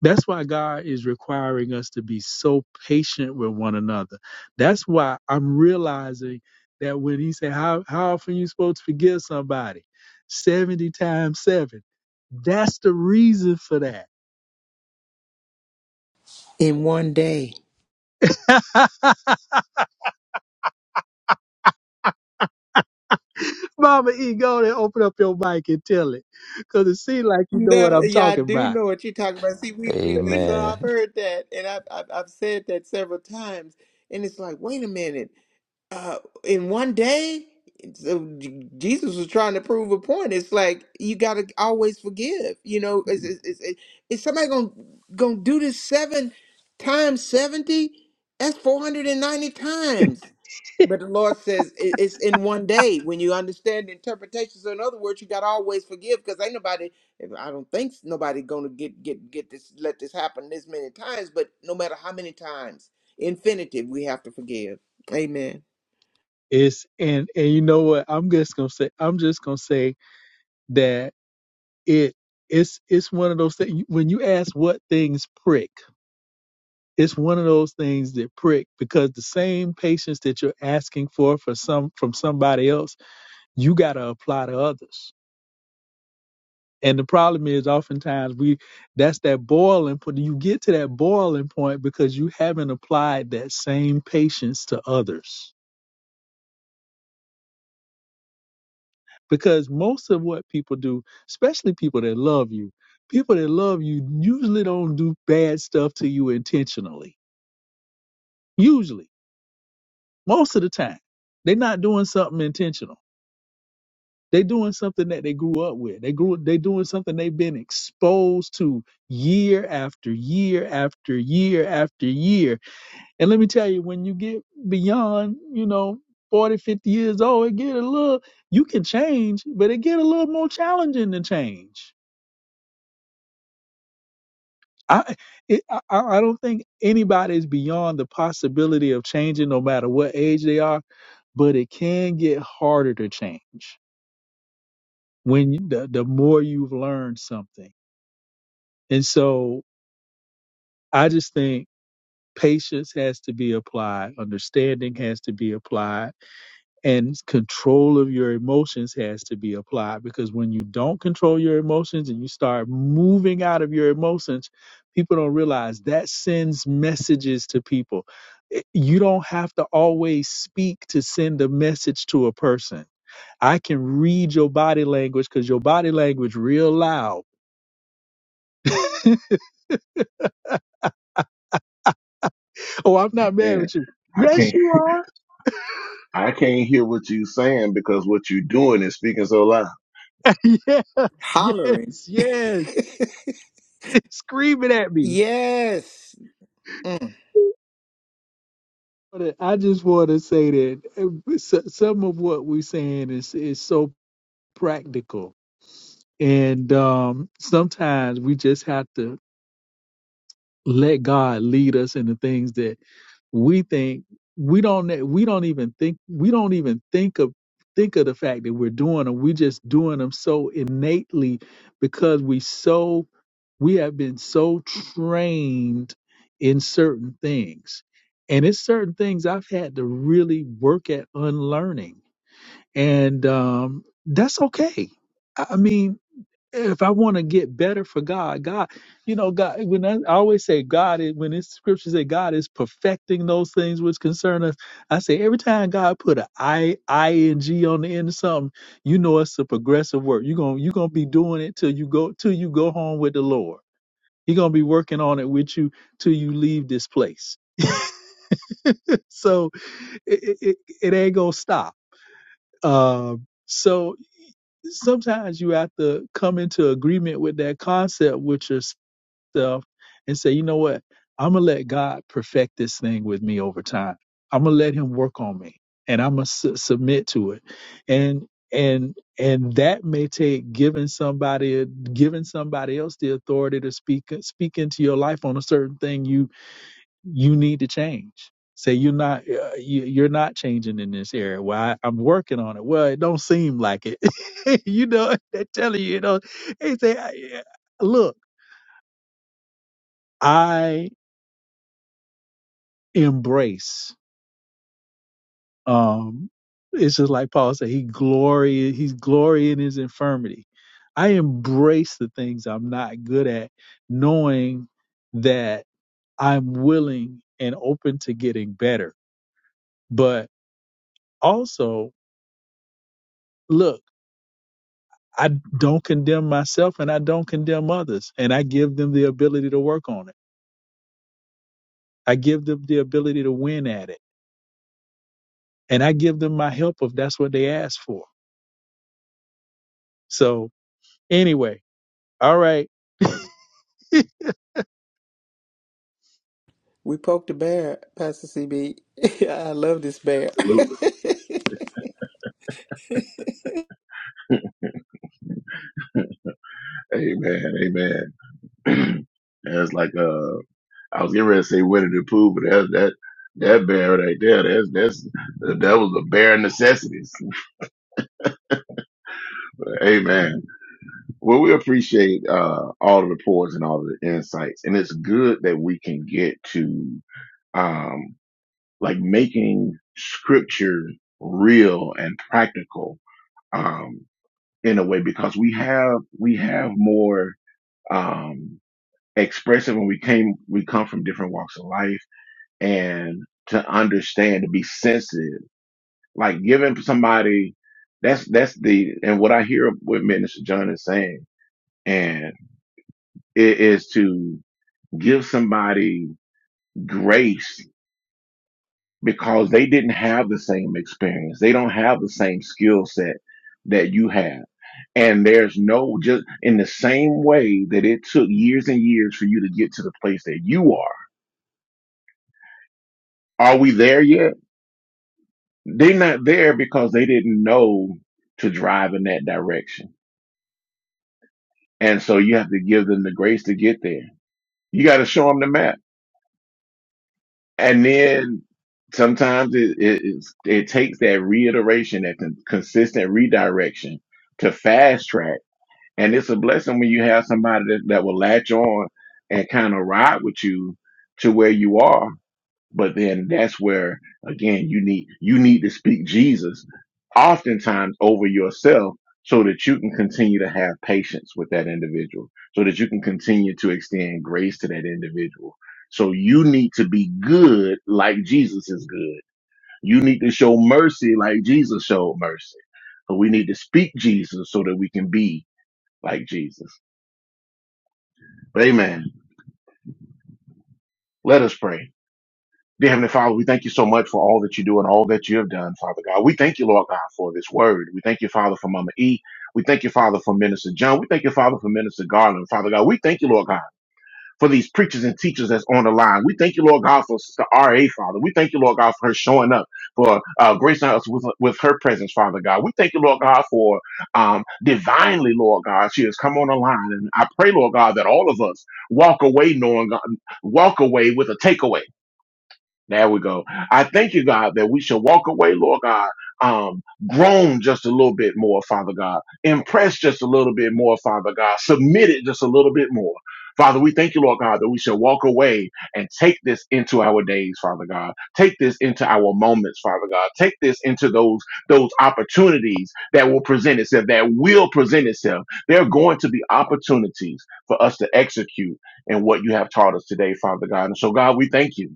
[SPEAKER 4] That's why God is requiring us to be so patient with one another. That's why I'm realizing that when he said, how, how often you supposed to forgive somebody? 70 times seven. That's the reason for that.
[SPEAKER 2] In one day.
[SPEAKER 4] Mama E, go on and open up your mic and tell it. Because it seems like you know what
[SPEAKER 2] No,
[SPEAKER 4] I'm
[SPEAKER 2] yeah, I
[SPEAKER 4] talking
[SPEAKER 2] do
[SPEAKER 4] about.
[SPEAKER 2] know what you're talking about. See, we we, we saw
[SPEAKER 3] Amen.
[SPEAKER 2] I've heard that, and I've, I've I've said that several times, and it's like, wait a minute, uh, in one day, so J- Jesus was trying to prove a point. It's like you got to always forgive. You know, is is is, is is somebody gonna gonna do this seven times seventy? That's four hundred and ninety times. But the Lord says it- it's in one day when you understand the interpretation. So in other words, you gotta always forgive because ain't nobody. if- I don't think s- nobody gonna get get get this let this happen this many times. But no matter how many times, infinitive, we have to forgive. Amen.
[SPEAKER 4] It's and and you know what? I'm just gonna say I'm just gonna say that it it's it's one of those things when you ask what things prick, it's one of those things that prick because the same patience that you're asking for for some from somebody else, you gotta apply to others. And the problem is oftentimes we that's that boiling point. You get to that boiling point because you haven't applied that same patience to others. Because most of what people do, especially people that love you, people that love you usually don't do bad stuff to you intentionally. Usually. Most of the time. They're not doing something intentional. They're doing something that they grew up with. They grew they doing something they've been exposed to year after year after year after year And let me tell you, when you get beyond, you know, 40, 50 years old, it get a little, you can change, but it get a little more challenging to change. I, it, I, I I don't think anybody is beyond the possibility of changing no matter what age they are, but it can get harder to change when you, the, the more you've learned something. And so I just think patience has to be applied. Understanding has to be applied and control of your emotions has to be applied because when you don't control your emotions and you start moving out of your emotions people don't realize that sends messages to people It- you don't have to always speak to send a message to a person i can read your body language because your body language real loud oh i'm not mad
[SPEAKER 1] Amen.
[SPEAKER 4] with you
[SPEAKER 1] I
[SPEAKER 4] yes
[SPEAKER 1] can't.
[SPEAKER 4] you are
[SPEAKER 1] I can't hear what you saying because what you doing is speaking so loud.
[SPEAKER 4] yes
[SPEAKER 2] Hollering.
[SPEAKER 4] yes yes it's screaming at me
[SPEAKER 2] Yes. Mm.
[SPEAKER 4] wanna- I just want to say that uh, so- some of what we're saying is is so practical, and um, sometimes we just have to let God lead us in the things that we think we don't ne- we don't even think we don't even think of think of the fact that we're doing them. We're just doing them so innately because we so we have been so trained in certain things. And it's certain things I've had to really work at unlearning. And um, that's okay. I I mean, if I want to get better for God, God, you know, God, when I, I always say God, is, when it's scriptures say God is perfecting those things which concern us, I say every time God put an I, ing on the end of something, you know, it's a progressive work. You're going to you're going to be doing it till you go, till you go home with the Lord. He's gonna be working on it with you till you leave this place. so it, it, it ain't gonna stop. Um, so sometimes you have to come into agreement with that concept with yourself and say, you know what? I'm gonna let God perfect this thing with me over time. I'm gonna let Him work on me, and I'm gonna su- submit to it. And and and that may take giving somebody giving somebody else the authority to speak speak into your life on a certain thing you you need to change. Say you're not uh, you, you're not changing in this area. Well, I, I'm working on it. Well, it don't seem like it. you know, they're telling you. You know, they say, I- yeah, look, I embrace. Um, it's just like Paul said. He glory. He's glory in his infirmity. I embrace the things I'm not good at, knowing that I'm willing and open to getting better. But also, look. I don't condemn myself and I don't condemn others. And I give them the ability to work on it. I give them the ability to win at it. And I give them my help if that's what they ask for. So anyway, all right.
[SPEAKER 2] We poked the bear, Pastor CB. I love this bear.
[SPEAKER 1] Absolutely. Amen. Amen. That's like uh, I was getting ready to say Winnie the Pooh, but that that that bear right there, that's that's that was the bare necessities. Amen. Well, we appreciate uh all the reports and all the insights, and it's good that we can get to um like making scripture real and practical um in a way because we have we have more um expressive and we came we come from different walks of life and to understand to be sensitive like giving somebody that's that's the and what i hear what minister john is saying and it is to give somebody grace because they didn't have the same experience they don't have the same skill set that you have and there's no just in the same way that it took years and years for you to get to the place that you are are we there yet They're not there because they didn't know to drive in that direction. And so you have to give them the grace to get there. You got to show them the map. And then sometimes it, it, it's- it takes that reiteration, that con- consistent redirection to fast track. And it's a blessing when you have somebody that, that will latch on and kind of ride with you to where you are But then that's where again you need you need to speak Jesus oftentimes over yourself so that you can continue to have patience with that individual, so that you can continue to extend grace to that individual. So you need to be good like Jesus is good. You need to show mercy like Jesus showed mercy. But we need to speak Jesus so that we can be like Jesus. Amen. Let us pray. Dear Heavenly Father, we thank you so much for all that you do and all that you have done, Father God. We thank you, Lord God, for this word. We thank you, Father, for Mama E. We thank you, Father, for Minister John. We thank you, Father, for Minister Garland, Father God. We thank you, Lord God, for these preachers and teachers that's on the line. We thank you, Lord God, for Sister R.A., Father. We thank you, Lord God, for her showing up, for uh, gracing us with, with her presence, Father God. We thank you, Lord God, for um, divinely, Lord God, she has come on the line. And I pray, Lord God, that all of us walk away knowing, walk away with a takeaway there we go. I thank you, God, that we shall walk away, Lord God, um, grown just a little bit more, Father God, impressed just a little bit more, Father God, submitted just a little bit more. Father, we thank you, Lord God, that we shall walk away and take this into our days, Father God. Take this into our moments, Father God. Take this into those those opportunities that will present itself, that will present itself. There are going to be opportunities for us to execute in what you have taught us today, Father God. And so, God, we thank you.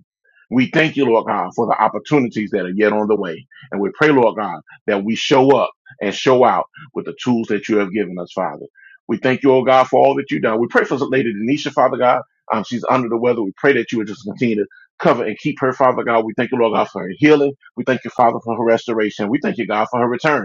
[SPEAKER 1] We thank you, Lord God, for the opportunities that are yet on the way. And we pray, Lord God, that we show up and show out with the tools that you have given us, Father. We thank you, oh God, for all that you've done. We pray for Lady Denisha, Father God. Um, she's under the weather. We pray that you would just continue to cover and keep her, Father God. We thank you, Lord God, for her healing. We thank you, Father, for her restoration. We thank you, God, for her return.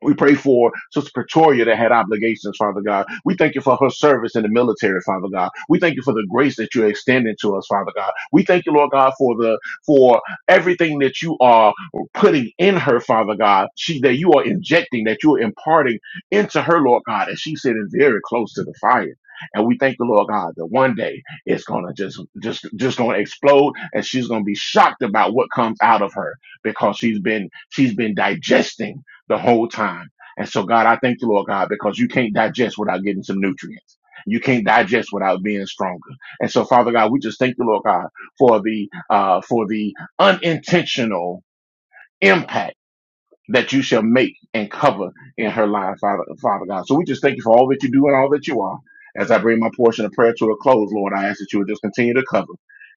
[SPEAKER 1] We pray for Sister Pretoria that had obligations, Father God. We thank you for her service in the military, Father God. We thank you for the grace that you're extending to us, Father God. We thank you, Lord God, for the for everything that you are putting in her, Father God. She that you are injecting, that you are imparting into her, Lord God, as she's sitting very close to the fire. And we thank the Lord God that one day it's gonna just just just gonna explode and she's gonna be shocked about what comes out of her because she's been she's been digesting the whole time. And so, God, I thank you, Lord God, because you can't digest without getting some nutrients. You can't digest without being stronger. And so, Father God, we just thank you, Lord God, for the uh, for the unintentional impact that you shall make and cover in her life, Father, Father God. So we just thank you for all that you do and all that you are. As I bring my portion of prayer to a close, Lord, I ask that you would just continue to cover,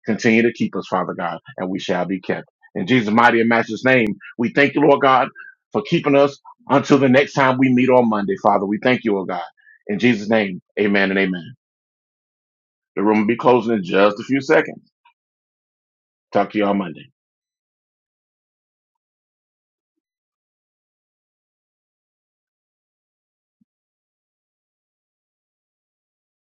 [SPEAKER 1] continue to keep us, Father God, and we shall be kept. In Jesus' mighty and matchless name, we thank you, Lord God, for keeping us until the next time we meet on Monday, Father. We thank you, O God. In Jesus' name, amen and amen. The room will be closing in just a few seconds. Talk to you on Monday.